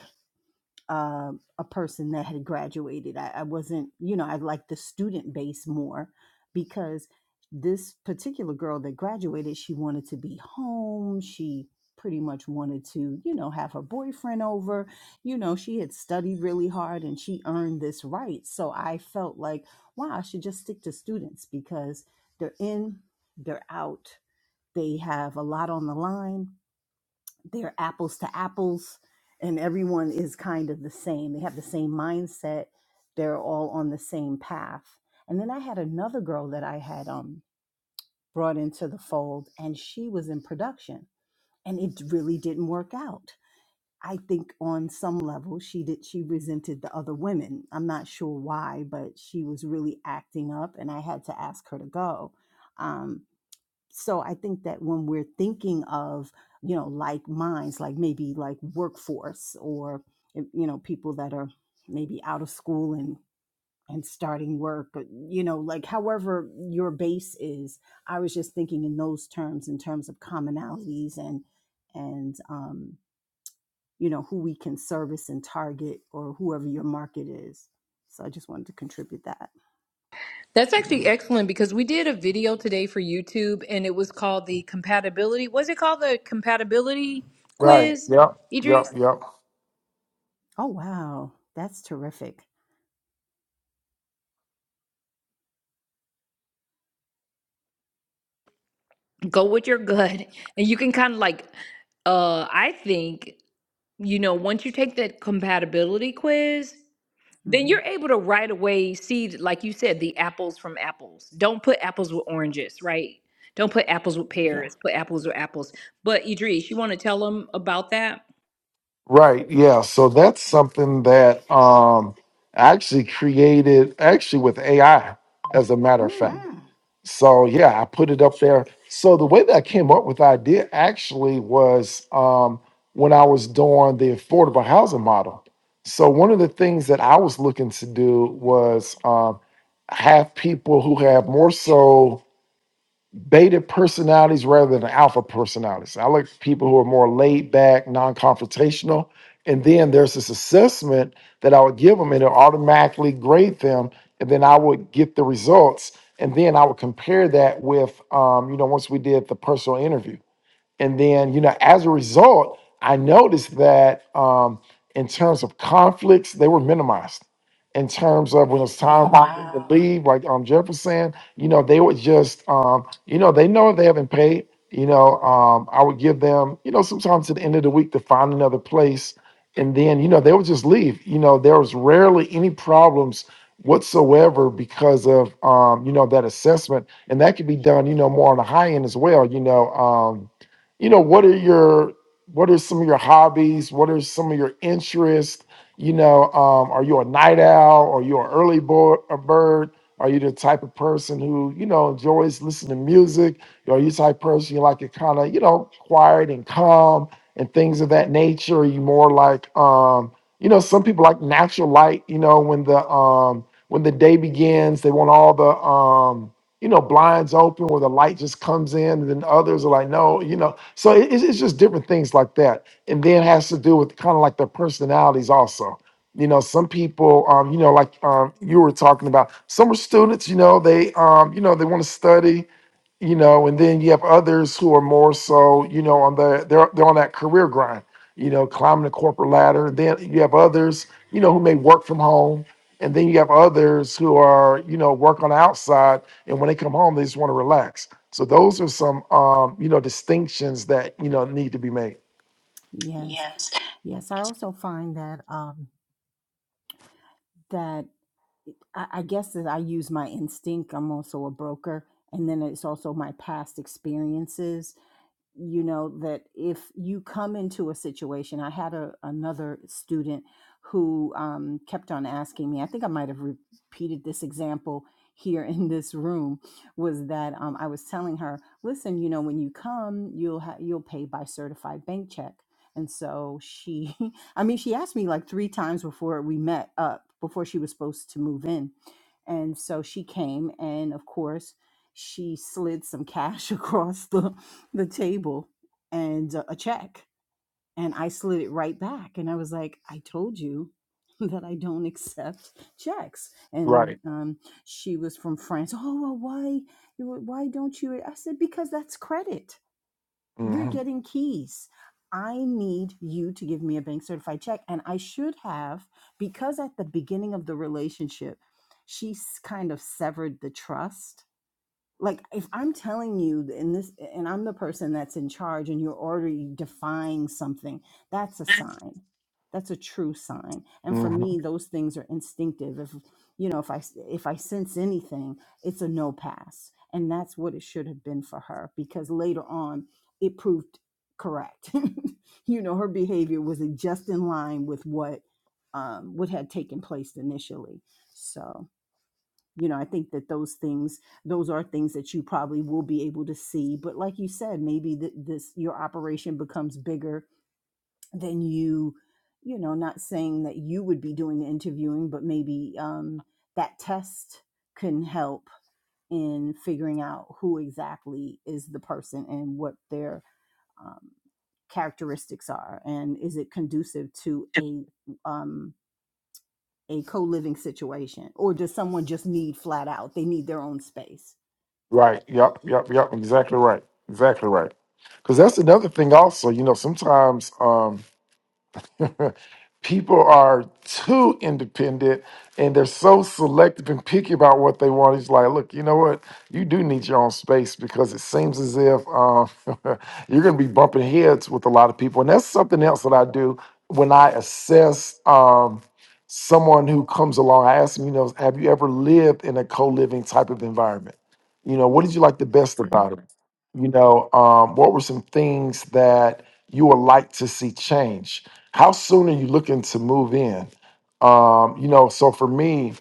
uh, a person that had graduated. I, I wasn't, you know, I liked the student base more because this particular girl that graduated, she wanted to be home. She pretty much wanted to, you know, have her boyfriend over. You know, she had studied really hard and she earned this right. So I felt like, wow, I should just stick to students because they're in, they're out, they have a lot on the line they're apples to apples and everyone is kind of the same they have the same mindset they're all on the same path and then i had another girl that i had um brought into the fold and she was in production and it really didn't work out i think on some level she did she resented the other women i'm not sure why but she was really acting up and i had to ask her to go Um, so i think that when we're thinking of you know like minds like maybe like workforce or you know people that are maybe out of school and and starting work but you know like however your base is i was just thinking in those terms in terms of commonalities and and um you know who we can service and target or whoever your market is so i just wanted to contribute that That's actually excellent because we did a video today for YouTube and it was called the compatibility. Was it called the compatibility Right. quiz, Yep. Yep. Idris? Yep. oh wow that's terrific Go with your gut. And you can kind of like, uh, I think, you know, once you take that compatibility quiz, then hmm you're able to right away see, like you said, the apples from apples. Don't put apples with oranges, right? Don't put apples with yeah pears. Put apples with apples. But Idris, you want to tell them about that? Right, yeah. So that's something that um I actually created actually with AI, as a matter of fact. mm, Mm. So yeah, I put it up there. So the way that I came up with the idea actually was um when I was doing the affordable housing model. So one of the things that I was looking to do was um have people who have more so beta personalities rather than alpha personalities. I like people who are more laid back, non confrontational. And then there's this assessment that I would give them, and it automatically grade them. And then I would get the results. And then I would compare that with, um, you know, once we did the personal interview. And then, you know, as a result, I noticed that um, in terms of conflicts, they were minimized. In terms of when it's time for wow people to Wow. leave, like um, Jefferson, you know, they would just, um, you know, they know they haven't paid, you know, um, I would give them, you know, sometimes at the end of the week to find another place. And then, you know, they would just leave. You know, there was rarely any problems whatsoever because of, um, you know, that assessment. And that could be done, you know, more on the high end as well, you know. Um, you know what are your what are some of your hobbies what are some of your interests you know um, are you a night owl are you an early boy, a bird are you the type of person who you know enjoys listening to music are you the type of person you like it kind of you know quiet and calm and things of that nature are you more like um you know some people like natural light you know when the um when the day begins they want all the um you know, blinds open where the light just comes in, and then others are like, no, you know, so it, it's it's just different things like that, and then has to do with kind of like their personalities also. You know, some people, um, you know, like um, you were talking about, some are students. You know, they, um, you know, they want to study you know, and then you have others who are more so, you know, on the they're they're on that career grind, you know, climbing the corporate ladder. Then you have others, you know, who may work from home, and then you have others who are, you know, work on the outside, and when they come home, they just want to relax. So those are some, um, you know, distinctions that you know need to be made. Yes. Yes, I also find that um, that I, I guess that I use my instinct. I'm also a broker, and then it's also my past experiences you know that if you come into a situation i had a, another student who um, kept on asking me i think i might have repeated this example here *laughs* in this room was that um, i was telling her listen you know when you come you'll ha- you'll pay by certified bank check and so she *laughs* i mean she asked me like three times before we met up before she was supposed to move in and so she came and of course she slid some cash *laughs* across the the table and a check and I slid it right back and I was like, I told you *laughs* that I don't accept checks. And Right. um, she was from France. Oh, well, why, why don't you? I said, because that's credit. You're hmm getting keys. I need you to give me a bank certified check. And I should have, because at the beginning of the relationship, she's kind of severed the trust like if i'm telling you in this and i'm the person that's in charge and you're already defying something that's a sign that's a true sign and for hmm me those things are instinctive if you know if I if i sense anything it's a no pass and that's what it should have been for her because later on it proved correct *laughs* you know her behavior was just in line with what um what had taken place initially so you know i think that those things those are things that you probably will be able to see but like you said maybe th- this your operation becomes bigger than you you know not saying that you would be doing the interviewing but maybe um, that test can help in figuring out who exactly is the person and what their um, characteristics are and is it conducive to a um, a co-living situation or does someone just need flat out they need their own space Right. Yep. Yep. Yep. Exactly right. Exactly right. Because that's another thing. Also, you know, sometimes. Um, *laughs* people are too independent and they're so selective and picky about what they want. It's like, look, you know what? You do need your own space because it seems as if um, *laughs* you're going to be bumping heads with a lot of people. And that's something else that I do when I assess um, someone who comes along. I ask them, you know, have you ever lived in a co living type of environment? You know, what did you like the best Mhm. about it? You know, um, what were some things that you would like to see change? How soon are you looking to move in? Um, you know, so for me,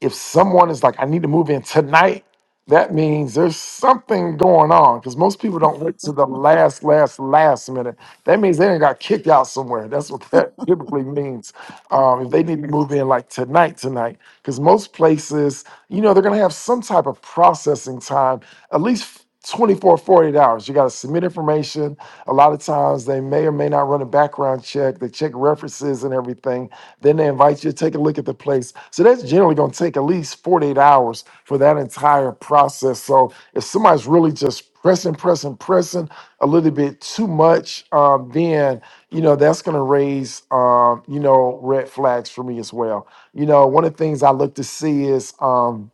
if someone is like, I need to move in tonight, that means there's something going on because most people don't wait to the last, last, last minute. That means they did got kicked out somewhere. That's what that *laughs* typically means. Um, if they Yes. need to move in like tonight, tonight, because most places, you know, they're going to have some type of processing time, at least 24, 48 hours. You got to submit information, a lot of times they may or may not run a background check. They check references and everything. Then they invite you to take a look at the place. So that's generally going to take at least 48 hours for that entire process. So if somebody's really just pressing, pressing, pressing a little bit too much, um, then, you know, that's going to raise, um, you know, red flags for me as well. You know, one of the things I look to see is um,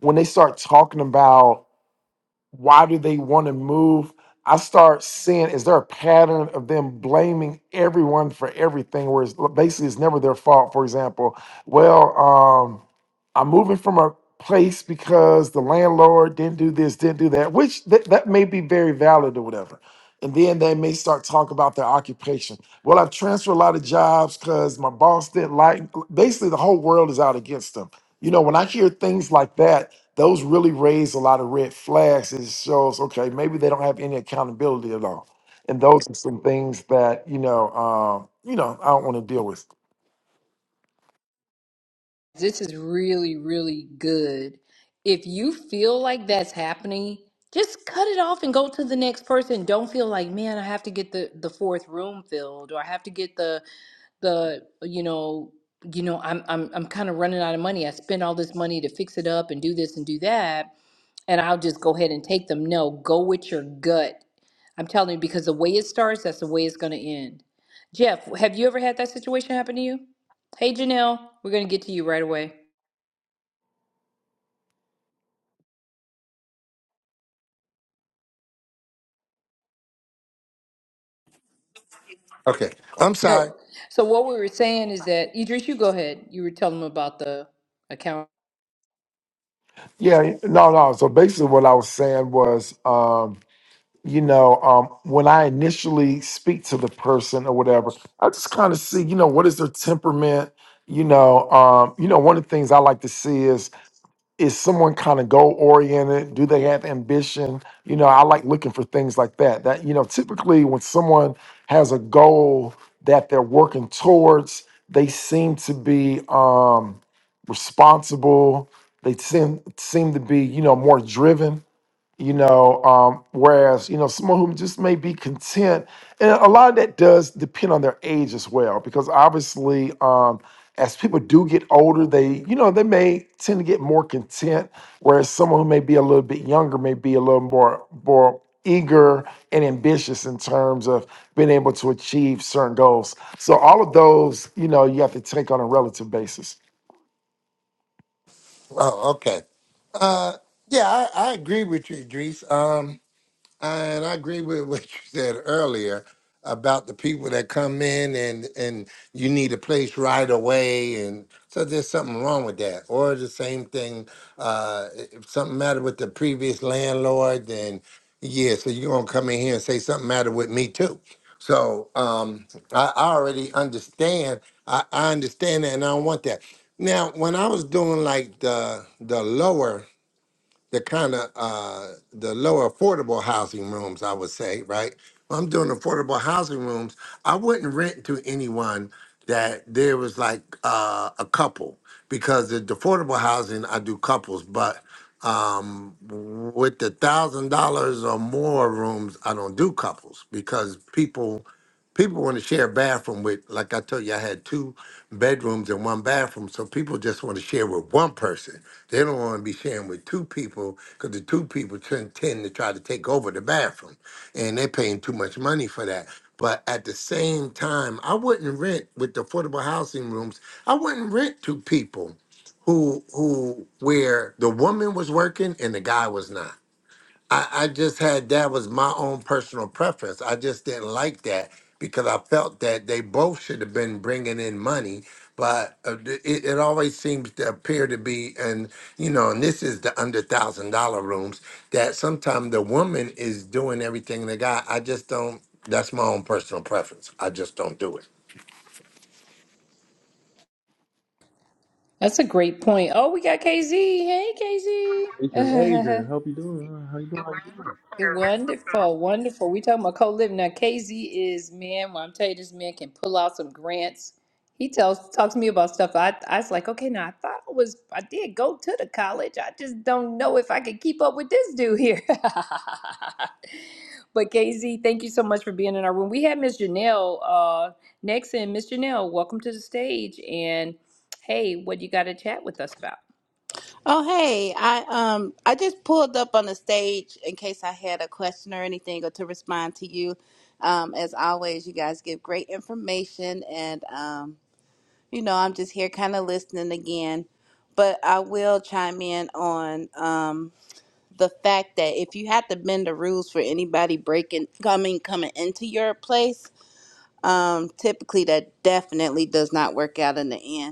when they start talking about, why do they want to move? I start seeing is there a pattern of them blaming everyone for everything, whereas basically it's never their fault. For example, well, um, I'm moving from a place because the landlord didn't do this, didn't do that, which th- that may be very valid or whatever. And then they may start talking about their occupation. Well, I've transferred a lot of jobs because my boss didn't like. Basically, the whole world is out against them. You know, when I hear things like that, those really raise a lot of red flags. It shows, okay, maybe they don't have any accountability at all. And those are some things that, you know, um, you know, I don't want to deal with. This is really, really good. If you feel like that's happening, just cut it off and go to the next person. Don't feel like, man, I have to get the the fourth room filled, or I have to get the the you know you know I'm I'm I'm kind of running out of money. I spent all this money to fix it up and do this and do that. and I'll just go ahead and take them. No, go with your gut. I'm telling you, because the way it starts, that's the way it's going to end. Jeff, have you ever had that situation happen to you? Hey, Janelle, we're going to get to you right away. Okay. I'm sorry. Oh, so what we were saying is that, Idris, you go ahead. You were telling them about the account. Yeah, no, no. So basically what I was saying was, um, you know, um, when I initially speak to the person or whatever, I just kind of see, you know, what is their temperament? You know, um, you know, one of the things I like to see is is someone kind of goal oriented? Do they have ambition? You know, I like looking for things like that. That, you know, typically when someone has a goal that they're working towards, they seem to be um, responsible. They seem seem to be, you know, more driven you know um whereas you know someone who just may be content and a lot of that does depend on their age as well because obviously um as people do get older they you know they may tend to get more content whereas someone who may be a little bit younger may be a little more more eager and ambitious in terms of being able to achieve certain goals so all of those you know you have to take on a relative basis Oh, okay. Uh, yeah, I, I agree with you, Idris. Um, And I agree with *laughs* what you said earlier about the people that come in and and you need a place right away, and so there's something wrong with that. Or the same thing, uh, if something matter with the previous landlord, then yeah, so you're gonna come in here and say something matter with me too. So um, I, I already understand. I, I understand that, and I don't want that. Now, when I was doing like the the lower the kind of uh, the lower affordable housing rooms, I would say, right? When I'm doing affordable housing rooms, I wouldn't rent to anyone that there was like uh, a couple because the the affordable housing I do couples, but um, with the thousand dollars or more rooms, I don't do couples because people people want to share a bathroom with. Like I told you, I had two bedrooms and one bathroom, so people just want to share with one person they don't want to be sharing with two people because the two people tend, tend to try to take over the bathroom, and they're paying too much money for that. But at the same time, I wouldn't rent with the affordable housing rooms. I wouldn't rent to people who who where the woman was working and the guy was not. I, I just had that was my own personal preference. I just didn't like that because I felt that they both should have been bringing in money, but uh, th- it, it always seems to appear to be, and you know, and this is the under thousand dollar rooms that sometimes the woman is doing everything the guy. I just don't. That's my own personal preference. I just don't do it. That's a great point. Oh, we got KZ. Hey, Adrian, KZ. *laughs* Adrian, hope you doing? Uh, How you doing? How you Wonderful, wonderful. We talking about co-living now. KZ is man. When I'm telling you, this man can pull out some grants. He tells talks to me about stuff. I I was like, okay, now I thought I was I did go to the college. I just don't know if I can keep up with this dude here. *laughs* but KZ, thank you so much for being in our room. We had Miss Janelle uh, next, and Miss Janelle, welcome to the stage. And hey, what you got to chat with us about? Oh hey, I um I just pulled up on the stage in case I had a question or anything or to respond to you. Um as always, you guys give great information and um you know, I'm just here kind of listening again, but I will chime in on um the fact that if you have to bend the rules for anybody breaking coming coming into your place, um typically that definitely does not work out in the end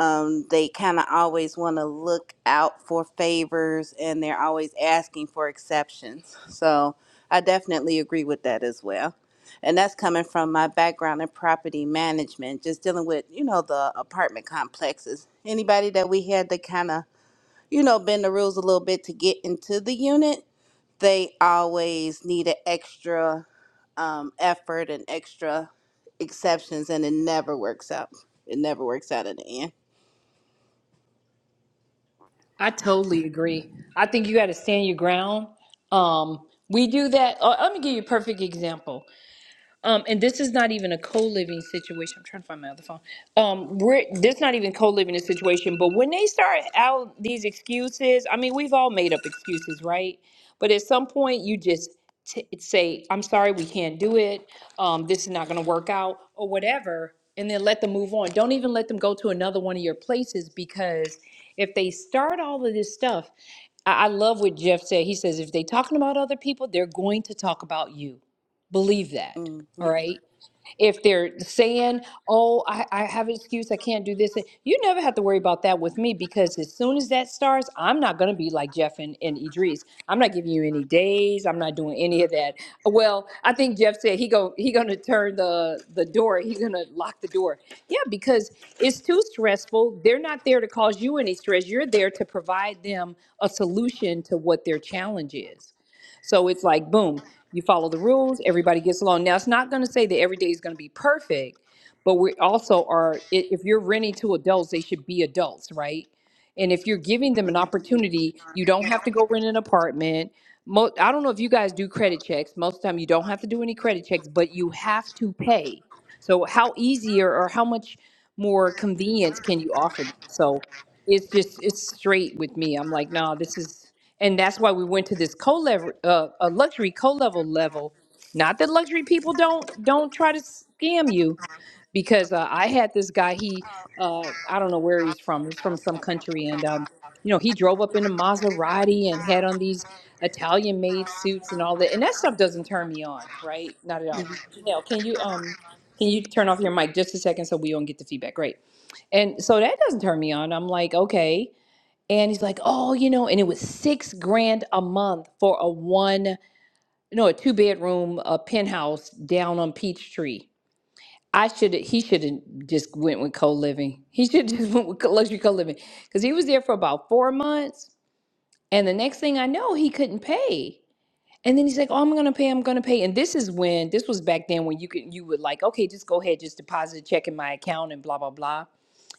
um, they kind of always want to look out for favors and they're always asking for exceptions. So I definitely agree with that as well. And that's coming from my background in property management, just dealing with, you know, the apartment complexes. Anybody that we had to kind of, you know, bend the rules a little bit to get into the unit, they always need an extra um, effort and extra exceptions, and it never works out. It never works out in the end. I totally agree. I think you got to stand your ground. Um, we do that. Uh, let me give you a perfect example. Um, and this is not even a co-living situation. I'm trying to find my other phone. Um, we're this not even co-living a situation, but when they start out these excuses, I mean, we've all made up excuses, right? But at some point, you just t- say, "I'm sorry, we can't do it. Um, this is not going to work out, or whatever," and then let them move on. Don't even let them go to another one of your places because if they start all of this stuff, I, I love what Jeff said. He says, "If they're talking about other people, they're going to talk about you. Believe that." Mm, All right. If they're saying, oh, I, I have an excuse, I can't do this, you never have to worry about that with me because as soon as that starts, I'm not going to be like Jeff and, and Idris. I'm not giving you any days. I'm not doing any of that. Well, I think Jeff said he go he going to turn the, the door. He's going to lock the door. Yeah, because it's too stressful. They're not there to cause you any stress. You're there to provide them a solution to what their challenge is. So it's like, boom, you follow the rules, everybody gets along. Now, it's not going to say that every day is going to be perfect, but we also are, i- if you're renting to adults, they should be adults, right? And if you're giving them an mm, opportunity, you don't have to go rent an apartment. Mo- I don't know if you guys do credit checks. Most of the time, you don't have to do any credit checks, but you have to pay. So how easier or how much more convenience can you offer them? So it's just it's straight with me. I'm like, no, this is, and that's why we went to this co-level, uh, a luxury co-level level. Not that luxury people don't don't try to scam you, because uh, I had this guy. He, uh, I don't know where he's from. He's from some country, and um, you know, he drove up in a Maserati and had on these Italian-made suits and all that. And that stuff doesn't turn me on, right? Not at all. mm. Janelle, can you um, can you turn off your mic just a second so we don't get the feedback? Great. And so that doesn't turn me on. I'm like, okay. And he's like, oh, you know, and it was six grand a month for a one, no, a two bedroom, a penthouse down on Peachtree. I should he should have just went with co-living. *laughs* He should have just went with luxury co-living because he was there for about four months, and the next thing I know, he couldn't pay. And then he's like, "Oh, I'm gonna pay. I'm gonna pay." And this is when this was back then when you could you would like, okay, just go ahead, just deposit a check in my account and blah blah blah.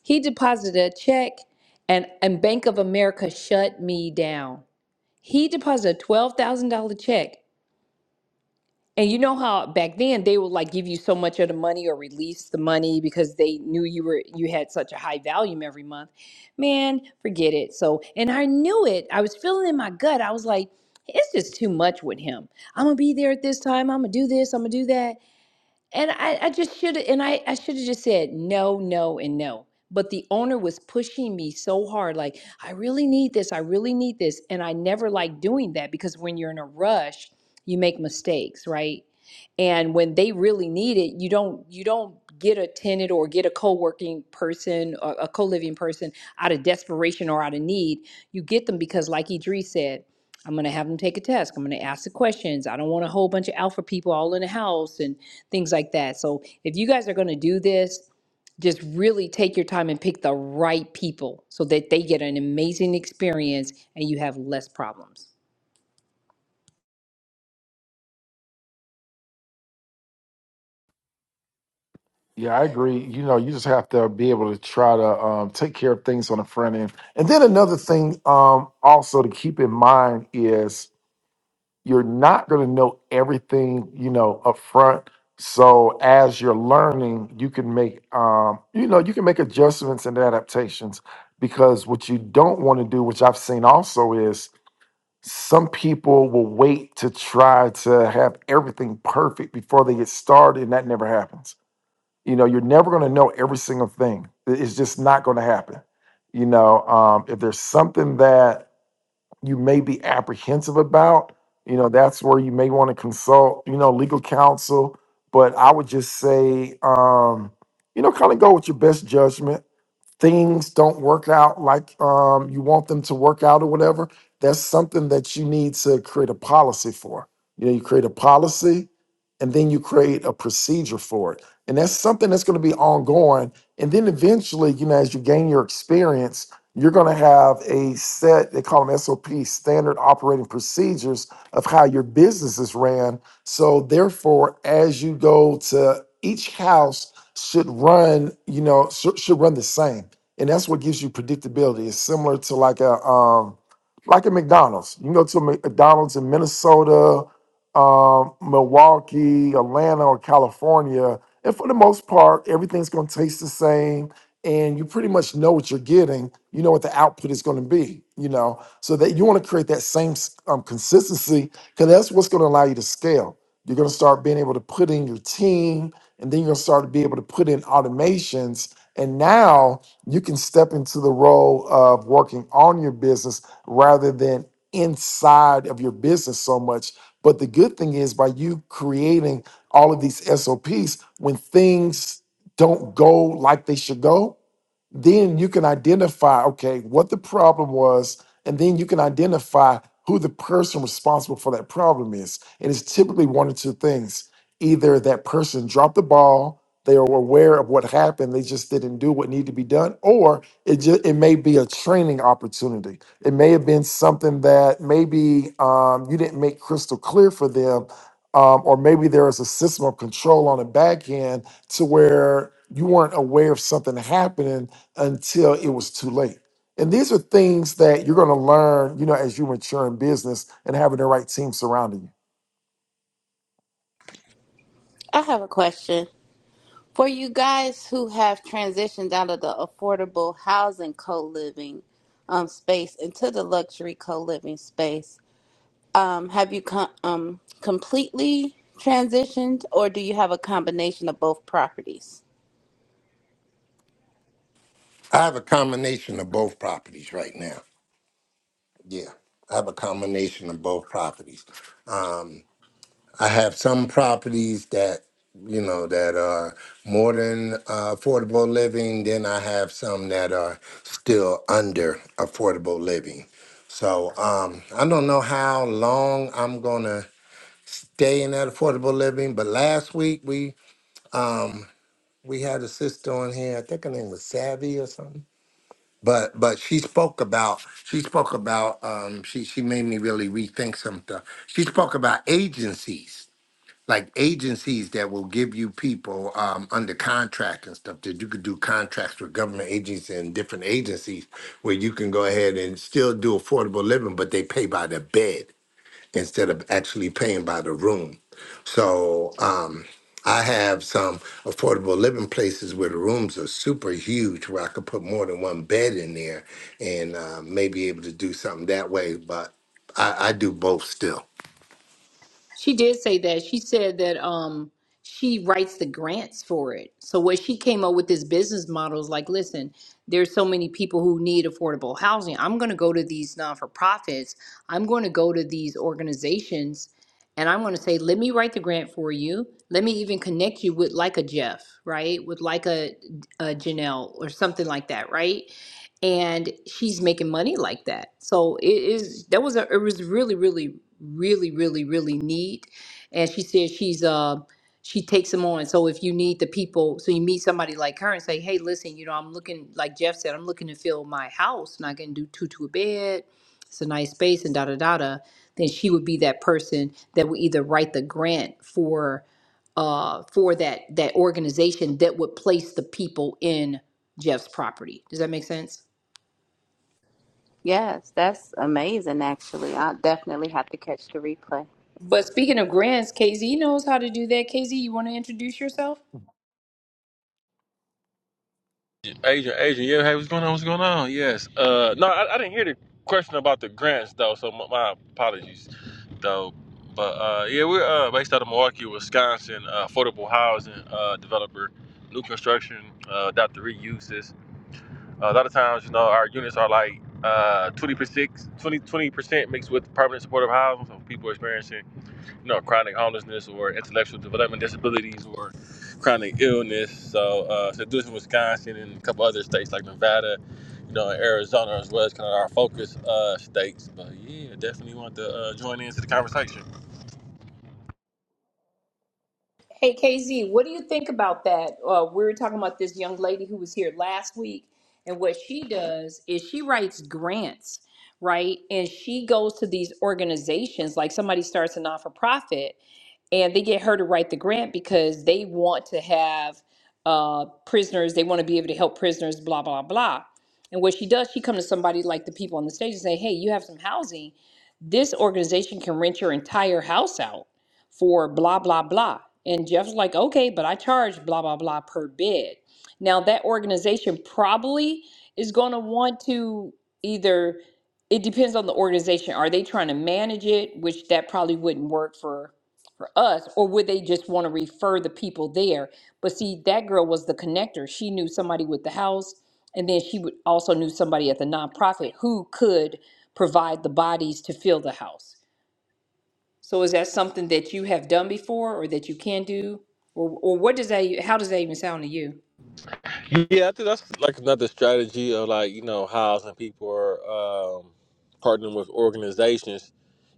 He deposited a check, and and Bank of America shut me down. He deposited a twelve thousand dollar check. And you know how back then they would like give you so much of the money or release the money because they knew you were you had such a high volume every month. Man, forget it. So and I knew it. I was feeling in my gut. I was like, it's just too much with him. I'm gonna be there at this time. I'm gonna do this. I'm gonna do that. And I, I just should have, and I, I should have just said no, no, and no. But the owner was pushing me so hard, like, I really need this, I really need this. And I never like doing that because when you're in a rush, you make mistakes, right? And when they really need it, you don't you don't get a tenant or get a co-working person or a co-living person out of desperation or out of need. You get them because like Idris said, I'm gonna have them take a test. I'm gonna ask the questions. I don't want a whole bunch of alpha people all in the house and things like that. So if you guys are going to do this, just really take your time and pick the right people so that they get an amazing experience and you have less problems. Yeah, I agree. You know, you just have to be able to try to um, take care of things on the front end. And then another thing um, also to keep in mind is you're not going to know everything, you know, up front. So as you're learning, you can make, um, you know, you can make adjustments and adaptations because what you don't want to do, which I've seen also is some people will wait to try to have everything perfect before they get started, and that never happens you know, you're never going to know every single thing. I- It's just not going to happen. You know, um, if there's something that you may be apprehensive about, you know, that's where you may want to consult, you know, legal counsel. But I would just say, um, you know, kind of go with your best judgment things don't work out like um, you want them to work out or whatever, that's something that you need to create a policy for. You know, you create a policy and then you create a procedure for it. And that's something that's going to be ongoing. And then eventually, you know, as you gain your experience, you're going to have a set, they call them SOP, standard operating procedures of how your business is ran. So, therefore, as you go to each house should run, you know, should, should run the same. And that's what gives you predictability. It's similar to like a um like a McDonald's. You can go to a McDonald's in Minnesota, um, Milwaukee, Atlanta, or California, and for the most part, everything's gonna taste the same. And you pretty much know what you're getting. You know what the output is going to be. You know, so that you want to create that same um, consistency because that's what's going to allow you to scale. You're going to start being able to put in your team and then you're going to start to be able to put in automations and now you can step into the role of working on your business rather than inside of your business so much but the good thing is by you creating all of these sops when things don't go like they should go then you can identify okay what the problem was and then you can identify who the person responsible for that problem is and it's typically one or two things either that person dropped the ball they were aware of what happened they just didn't do what needed to be done or it just it may be a training opportunity it may have been something that maybe um, you didn't make crystal clear for them um, or maybe there is a system of control on the back end to where you weren't aware of something happening until it was too late. And these are things that you're going to learn, you know, as you mature in business and having the right team surrounding I have a question. For you guys who have transitioned out of the affordable housing co living um, space into the luxury co living space, um, have you com- um, completely transitioned or do you have a combination of both properties? I have a combination of both properties right now. Yeah, I have a combination of both properties. Um, I have some properties that you know that are more than uh, affordable living. Then I have some that are still under affordable living. So um, I don't know how long I'm gonna stay in that affordable living. But last week we um, we had a sister on here. I think her name was Savvy or something. But but she spoke about she spoke about um, she she made me really rethink some stuff. She spoke about agencies like agencies that will give you people um, under contract and stuff that you could do contracts with government agents and different agencies where you can go ahead and still do affordable living, but they pay by the bed instead of actually paying by the room. So um, I have some affordable living places where the rooms are super huge, where I could put more than one bed in there and uh, may be able to do something that way. But I, I do both still. She did say that. She said that um she writes the grants for it. So what she came up with this business model is like, listen, there's so many people who need affordable housing. I'm going to go to these non for profits. I'm going to go to these organizations and I'm going to say, let me write the grant for you. Let me even connect you with like a Jeff, right? With like a, a Janelle or something like that, right? and she's making money like that. So it is that was a it was really really really really really neat. And she said she's uh she takes them on. So if you need the people, so you meet somebody like her and say, hey, listen, you know, I'm looking like Jeff said, I'm looking to fill my house, and I can do two to a bed. It's a nice space and da da da da. Then she would be that person that would either write the grant for uh for that that organization that would place the people in Jeff's property. Does that make sense? Yes, that's amazing, actually. I'll definitely have to catch the replay. But speaking of grants, KZ knows how to do that. KZ, you want to introduce yourself? doing? Adrian, Adrian, yeah, hey, what's going on? What's going on? Yes. Uh, no, I, I didn't hear the question about the grants though, so my, my apologies, though. But uh, yeah, we're uh, based out of Milwaukee, Wisconsin, uh, affordable housing uh, developer, new construction, uh, adaptive reuses. a lot of times, you know, our units are like uh, 20 percent, 20 percent mixed with permanent supportive housing, so people experiencing you know, chronic homelessness or intellectual development disabilities or chronic illness. So, uh, so this is Wisconsin and a couple other states like Nevada, you know, and Arizona as well as kind of our focus uh, states. But yeah, definitely want to uh, join into the conversation. Hey, KZ, what do you think about that? Uh, we were talking about this young lady who was here last week, and what she does is she writes grants, right? And she goes to these organizations, like somebody starts a not for profit, and they get her to write the grant because they want to have uh, prisoners. They want to be able to help prisoners. Blah blah blah. And what she does, she comes to somebody like the people on the stage and say, "Hey, you have some housing. This organization can rent your entire house out for blah blah blah." And Jeff's like, "Okay, but I charge blah blah blah per bed." Now that organization probably is going to want to either it depends on the organization. Are they trying to manage it, which that probably wouldn't work for for us, or would they just want to refer the people there? But see, that girl was the connector. She knew somebody with the house, and then she would also knew somebody at the nonprofit who could provide the bodies to fill the house. So is that something that you have done before, or that you can do, or or what does that? e, How does that even sound to you? Yeah, I think that's like another strategy of like you know housing people are um, partnering with organizations,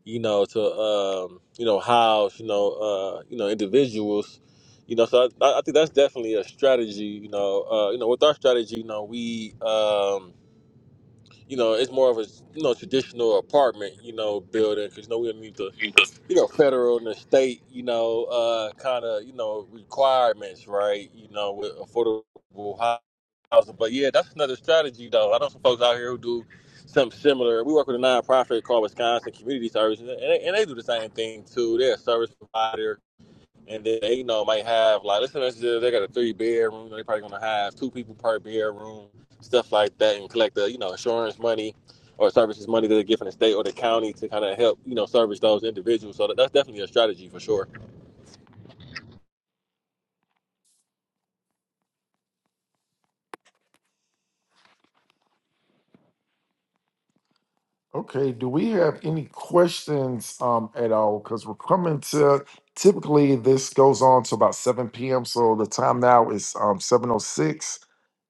you know, to um, you know house you know uh, you know individuals, you know. So I, I think that's definitely a strategy, you know. Uh, you know, with our strategy, you know, we um, you know it's more of a you know traditional apartment, you know, building because you know we don't need to you. you know, federal and the state, you know, uh, kind of, you know, requirements, right? You know, with affordable housing. But yeah, that's another strategy, though. I know some folks out here who do something similar. We work with a nonprofit called Wisconsin Community Service, and they, and they do the same thing too. They're a service provider and then they, you know, might have like listen, they got a three bedroom. They probably gonna have two people per bedroom, stuff like that, and collect the you know insurance money or services money that they get from the state or the county to kind of help you know service those individuals. So that, that's definitely a strategy for sure. Okay, do we have any questions um, at all? Because we're coming to typically this goes on to about 7 p.m. So the time now is um, 7.06.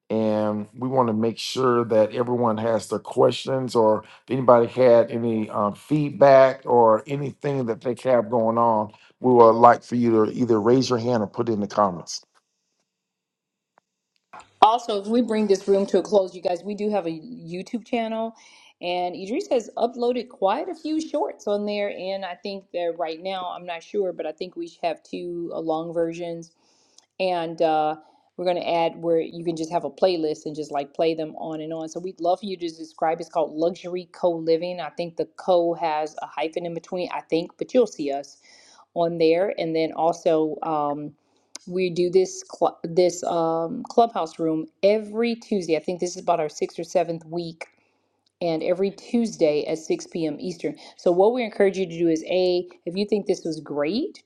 and we want to make sure that everyone has their questions or if anybody had any um, feedback or anything that they have going on we would like for you to either raise your hand or put it in the comments Also, if we bring this room to a close, you guys, we do have a YouTube channel, and Idris has uploaded quite a few shorts on there. And I think that right now, I'm not sure, but I think we should have two uh, long versions. And uh, we're going to add where you can just have a playlist and just like play them on and on. So we'd love for you to subscribe. It's called Luxury Co Living. I think the co has a hyphen in between, I think, but you'll see us on there. And then also, um, we do this cl- this um, clubhouse room every Tuesday. I think this is about our sixth or seventh week, and every Tuesday at 6 p.m. Eastern. So what we encourage you to do is a if you think this was great.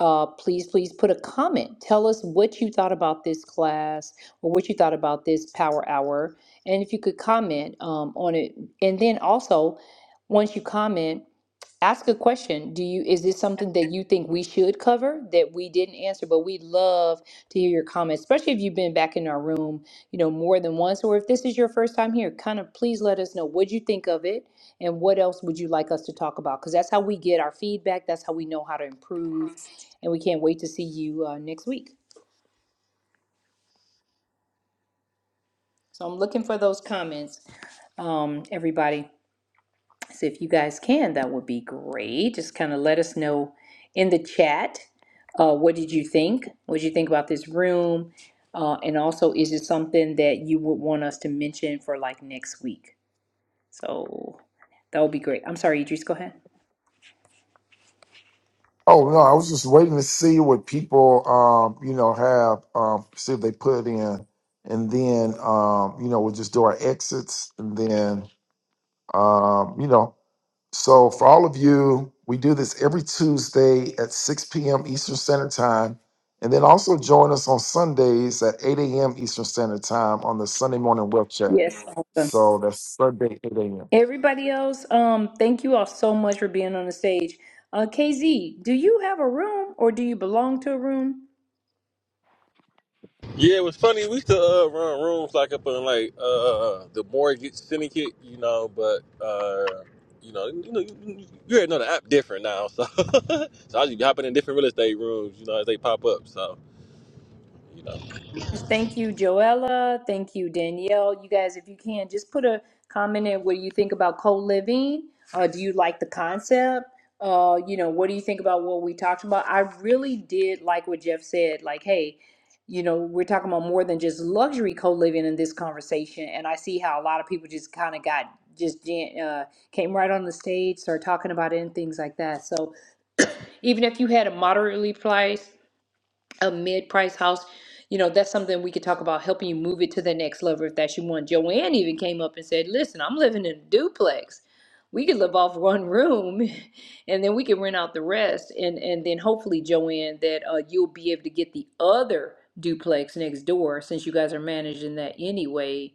Uh, please, please put a comment. Tell us what you thought about this class or what you thought about this power hour. And if you could comment um, on it. And then also, once you comment, ask a question do you is this something that you think we should cover that we didn't answer but we'd love to hear your comments especially if you've been back in our room you know more than once or if this is your first time here kind of please let us know what you think of it and what else would you like us to talk about because that's how we get our feedback that's how we know how to improve and we can't wait to see you uh, next week so i'm looking for those comments um, everybody So if you guys can, that would be great. Just kind of let us know in the chat. Uh, what did you think? What did you think about this room? Uh, and also, is it something that you would want us to mention for like next week? So that would be great. I'm sorry, Idris, go ahead. oh no i was just waiting to see what people um, you know have um, see if they put in and then um, you know we'll just do our exits and then um, you know So, for all of you, we do this every Tuesday at 6 p.m. Eastern Standard Time. And then also join us on Sundays at 8 a.m. Eastern Standard Time on the Sunday Morning Wealth Chat. Yes, awesome. So that's Sunday, 8 a.m. Everybody else, um, thank you all so much for being on the stage. Uh, KZ, do you have a room or do you belong to a room? Yeah, it was funny. We used to uh, run rooms like up in like uh, the mortgage syndicate, you know, but uh, you know, you know, you, you you already know the app different now, so *laughs* so I was hopping in different real estate rooms, you know, as they pop up. So you know. Thank you, Joella. Thank you, Danielle. You guys, if you can, just put a comment in what do you think about co-living. Uh, do you like the concept? Uh, you know, what do you think about what we talked about? I really did like what Jeff said. Like, hey, you know, we're talking about more than just luxury co-living in this conversation, and I see how a lot of people just kind of got just jam- uh, came right on the stage, started talking about it and things like that. So even if you had a moderately priced a mid-price house you know that's something we could talk about helping you move it to the next level if that's your one joanne even came up and said listen i'm living in a duplex we could live off one room *laughs* and then we could rent out the rest and and then hopefully joanne that uh, you'll be able to get the other duplex next door since you guys are managing that anyway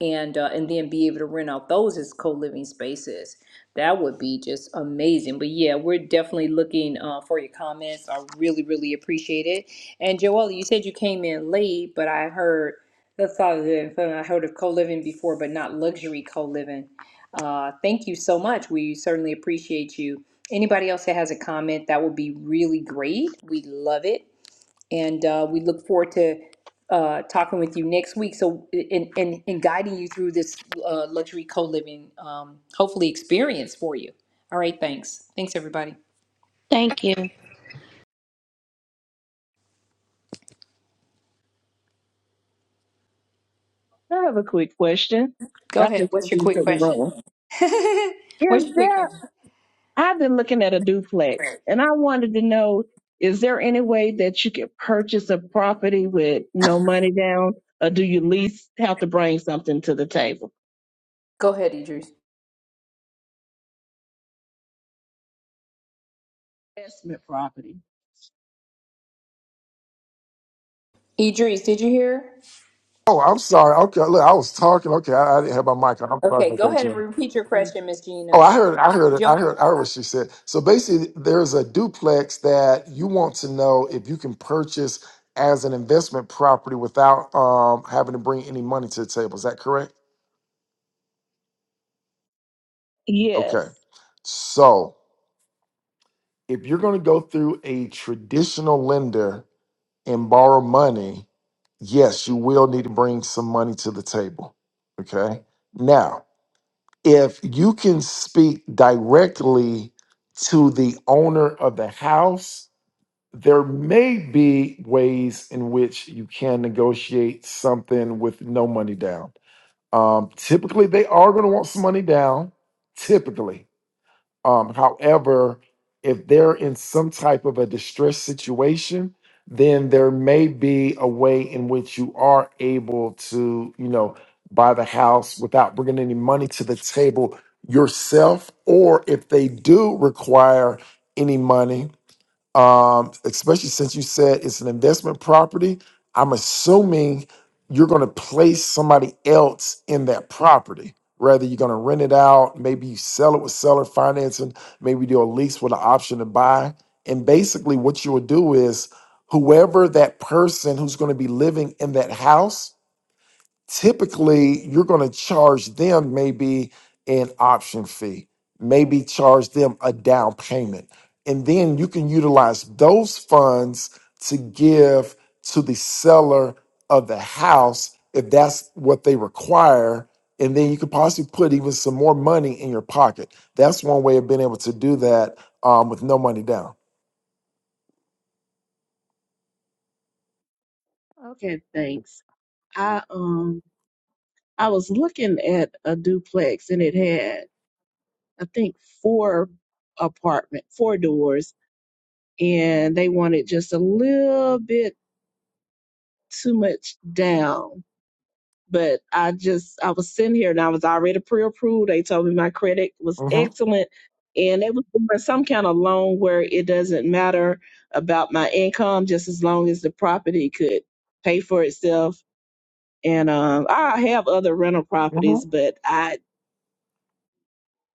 and uh, and then be able to rent out those as co-living spaces. That would be just amazing. But yeah, we're definitely looking uh, for your comments. I really, really appreciate it. And Joella, you said you came in late, but I heard the thought of it. I heard of co-living before, but not luxury co-living. Uh, thank you so much. We certainly appreciate you. Anybody else that has a comment, that would be really great. We love it. And uh, we look forward to uh, talking with you next week. So, and, and, and guiding you through this uh, luxury co living, um, hopefully, experience for you. All right, thanks. Thanks, everybody. I have a quick question. Go I ahead. just What's your quick into the question? room. *laughs* What's Is your quick there? question? I've been looking at a duplex, and I wanted to know: Is there any way that you could purchase a property with no money down, or do you at least have to bring something to the table? Go ahead, Idris. Investment property. Idris, did you hear? Oh, I'm sorry. Okay, look, I was talking. Okay, I, I didn't have my mic on. I'm sorry Okay, about go that, ahead and Jim. repeat your question, Miss Oh, Gina. I heard, I heard it. I heard, I heard Joella, what she said. So basically, there's a duplex that you want to know if you can purchase as an investment property without um, having to bring any money to the table. Is that correct? Yes. Okay. So if you're going to go through a traditional lender and borrow money, yes, you will need to bring some money to the table. Okay. Now, if you can speak directly to the owner of the house, there may be ways in which you can negotiate something with no money down. Um, typically, they are going to want some money down. Typically. Um, however, if they're in some type of a distressed situation, then there may be a way in which you are able to, you know, buy the house without bringing any money to the table yourself, or if they do require any money, um, especially since you said it's an investment property. I'm assuming you're going to place somebody else in that property. Rather, you're going to rent it out. Maybe you sell it with seller financing. Maybe you do a lease with an option to buy. And basically, what you will do is whoever that person who's going to be living in that house typically you're going to charge them maybe an option fee, maybe charge them a down payment. And then you can utilize those funds to give to the seller of the house if that's what they require. And then you could possibly put even some more money in your pocket. That's one way of being able to do that um, with no money down. Okay, thanks. I um I was looking at a duplex and it had I think four apartment, four doors, and they wanted just a little bit too much down. But I just I was sitting here and I was already pre-approved. They told me my credit was Mm-hmm. excellent, and they was doing some kind of loan where it doesn't matter about my income, just as long as the property could pay for itself. And um, I have other rental properties, Mm-hmm. but I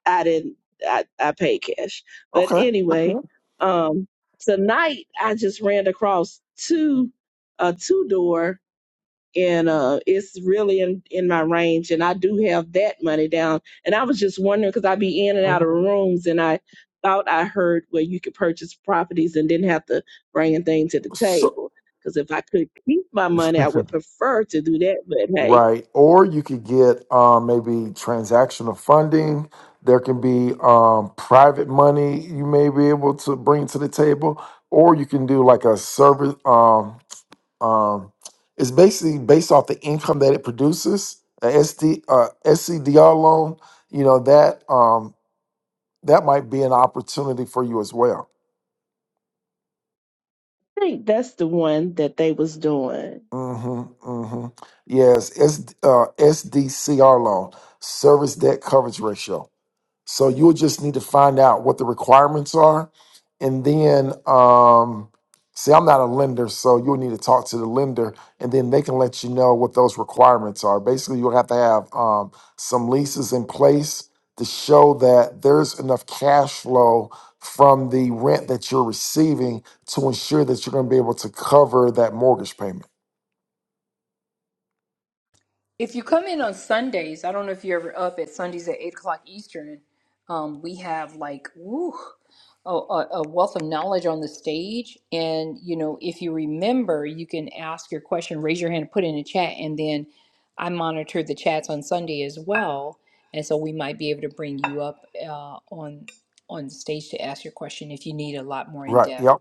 I didn't I I paid cash. But Okay. anyway, Okay. um, tonight I just ran across two a two door and uh, it's really in, in my range. And I do have that money down. And I was just wondering because I be in and out of hmm rooms, and I thought I heard where you could purchase properties and didn't have to bring a thing to the So table. Because if I could keep my money, I *laughs* would prefer to do that. But hey, Right. Or you could get um, maybe transactional funding. There can be um, private money you may be able to bring to the table, or you can do like a service. Um, um, it's basically based off the income that it produces. A SD, uh, SCDR loan, you know that um, that might be an opportunity for you as well. I think that's the one that they was doing. Mm-hmm, mm-hmm. Yes, S, uh, SDCR loan, service debt coverage ratio. So you'll just need to find out what the requirements are. And then, um, see, I'm not a lender, so you'll need to talk to the lender and then they can let you know what those requirements are. Basically, you'll have to have um, some leases in place to show that there's enough cash flow from the rent that you're receiving to ensure that you're going to be able to cover that mortgage payment. If you come in on Sundays, I don't know if you're ever up at Sundays at 8 o'clock Eastern, um, we have like, woo, a, a a wealth of knowledge on the stage. And, you know, if you remember, you can ask your question, raise your hand, and put it in the chat. And then I monitor the chats on Sunday as well. And so we might be able to bring you up uh, on on the stage to ask your question if you need a lot more in Right. depth. Yep.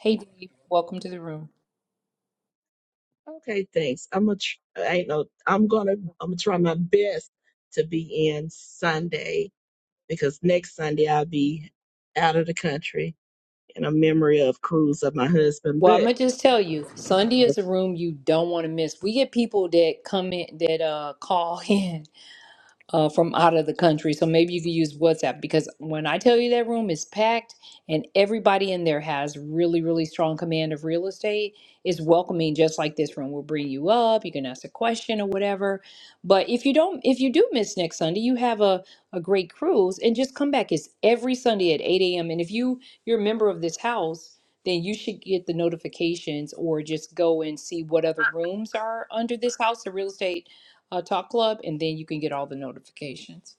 Hey, Dave, welcome to the room. Okay, thanks. I'm gonna. Tr- I ain't no. I'm gonna. I'm gonna try my best to be in Sunday because next Sunday I'll be out of the country and a memory of cruise of my husband. Well, I'm But gonna just tell you, Sunday is a room you don't want to miss. We get people that come in that uh call *laughs* in uh, from out of the country. So maybe you could use WhatsApp because when I tell you that room is packed and everybody in there has really, really strong command of real estate, is welcoming just like this room. We'll bring you up, you can ask a question or whatever. But if you don't, if you do miss next Sunday, you have a, a great cruise and just come back. It's every Sunday at 8 a.m. And if you, you're a member of this house, then you should get the notifications or just go and see what other rooms are under this house of real estate uh, Talk Club, and then you can get all the notifications.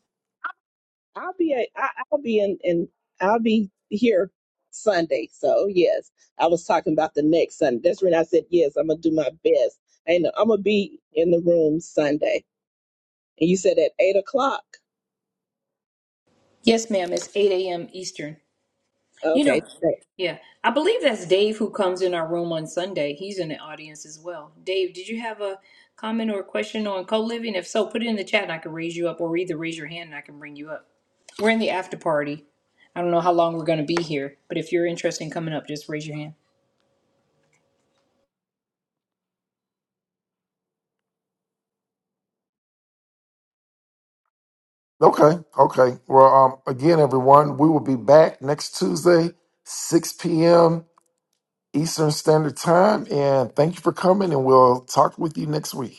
I'll be a, I, I'll be in, in I'll be here Sunday. So yes, I was talking about the next Sunday. That's when I said yes. I'm gonna do my best. And I'm gonna be in the room Sunday. And you said at eight o'clock. Yes, ma'am. It's 8 a.m. Eastern. You Okay, know, yeah. I believe that's Dave who comes in our room on Sunday. He's in the audience as well. Dave, did you have a comment or a question on co living? If so, put it in the chat and I can raise you up, or either raise your hand and I can bring you up. We're in the after party. I don't know how long we're going to be here, but if you're interested in coming up, just raise your hand. Okay. Okay. Well, um, again, everyone, we will be back next Tuesday, 6 p.m. Eastern Standard Time. And thank you for coming, and we'll talk with you next week.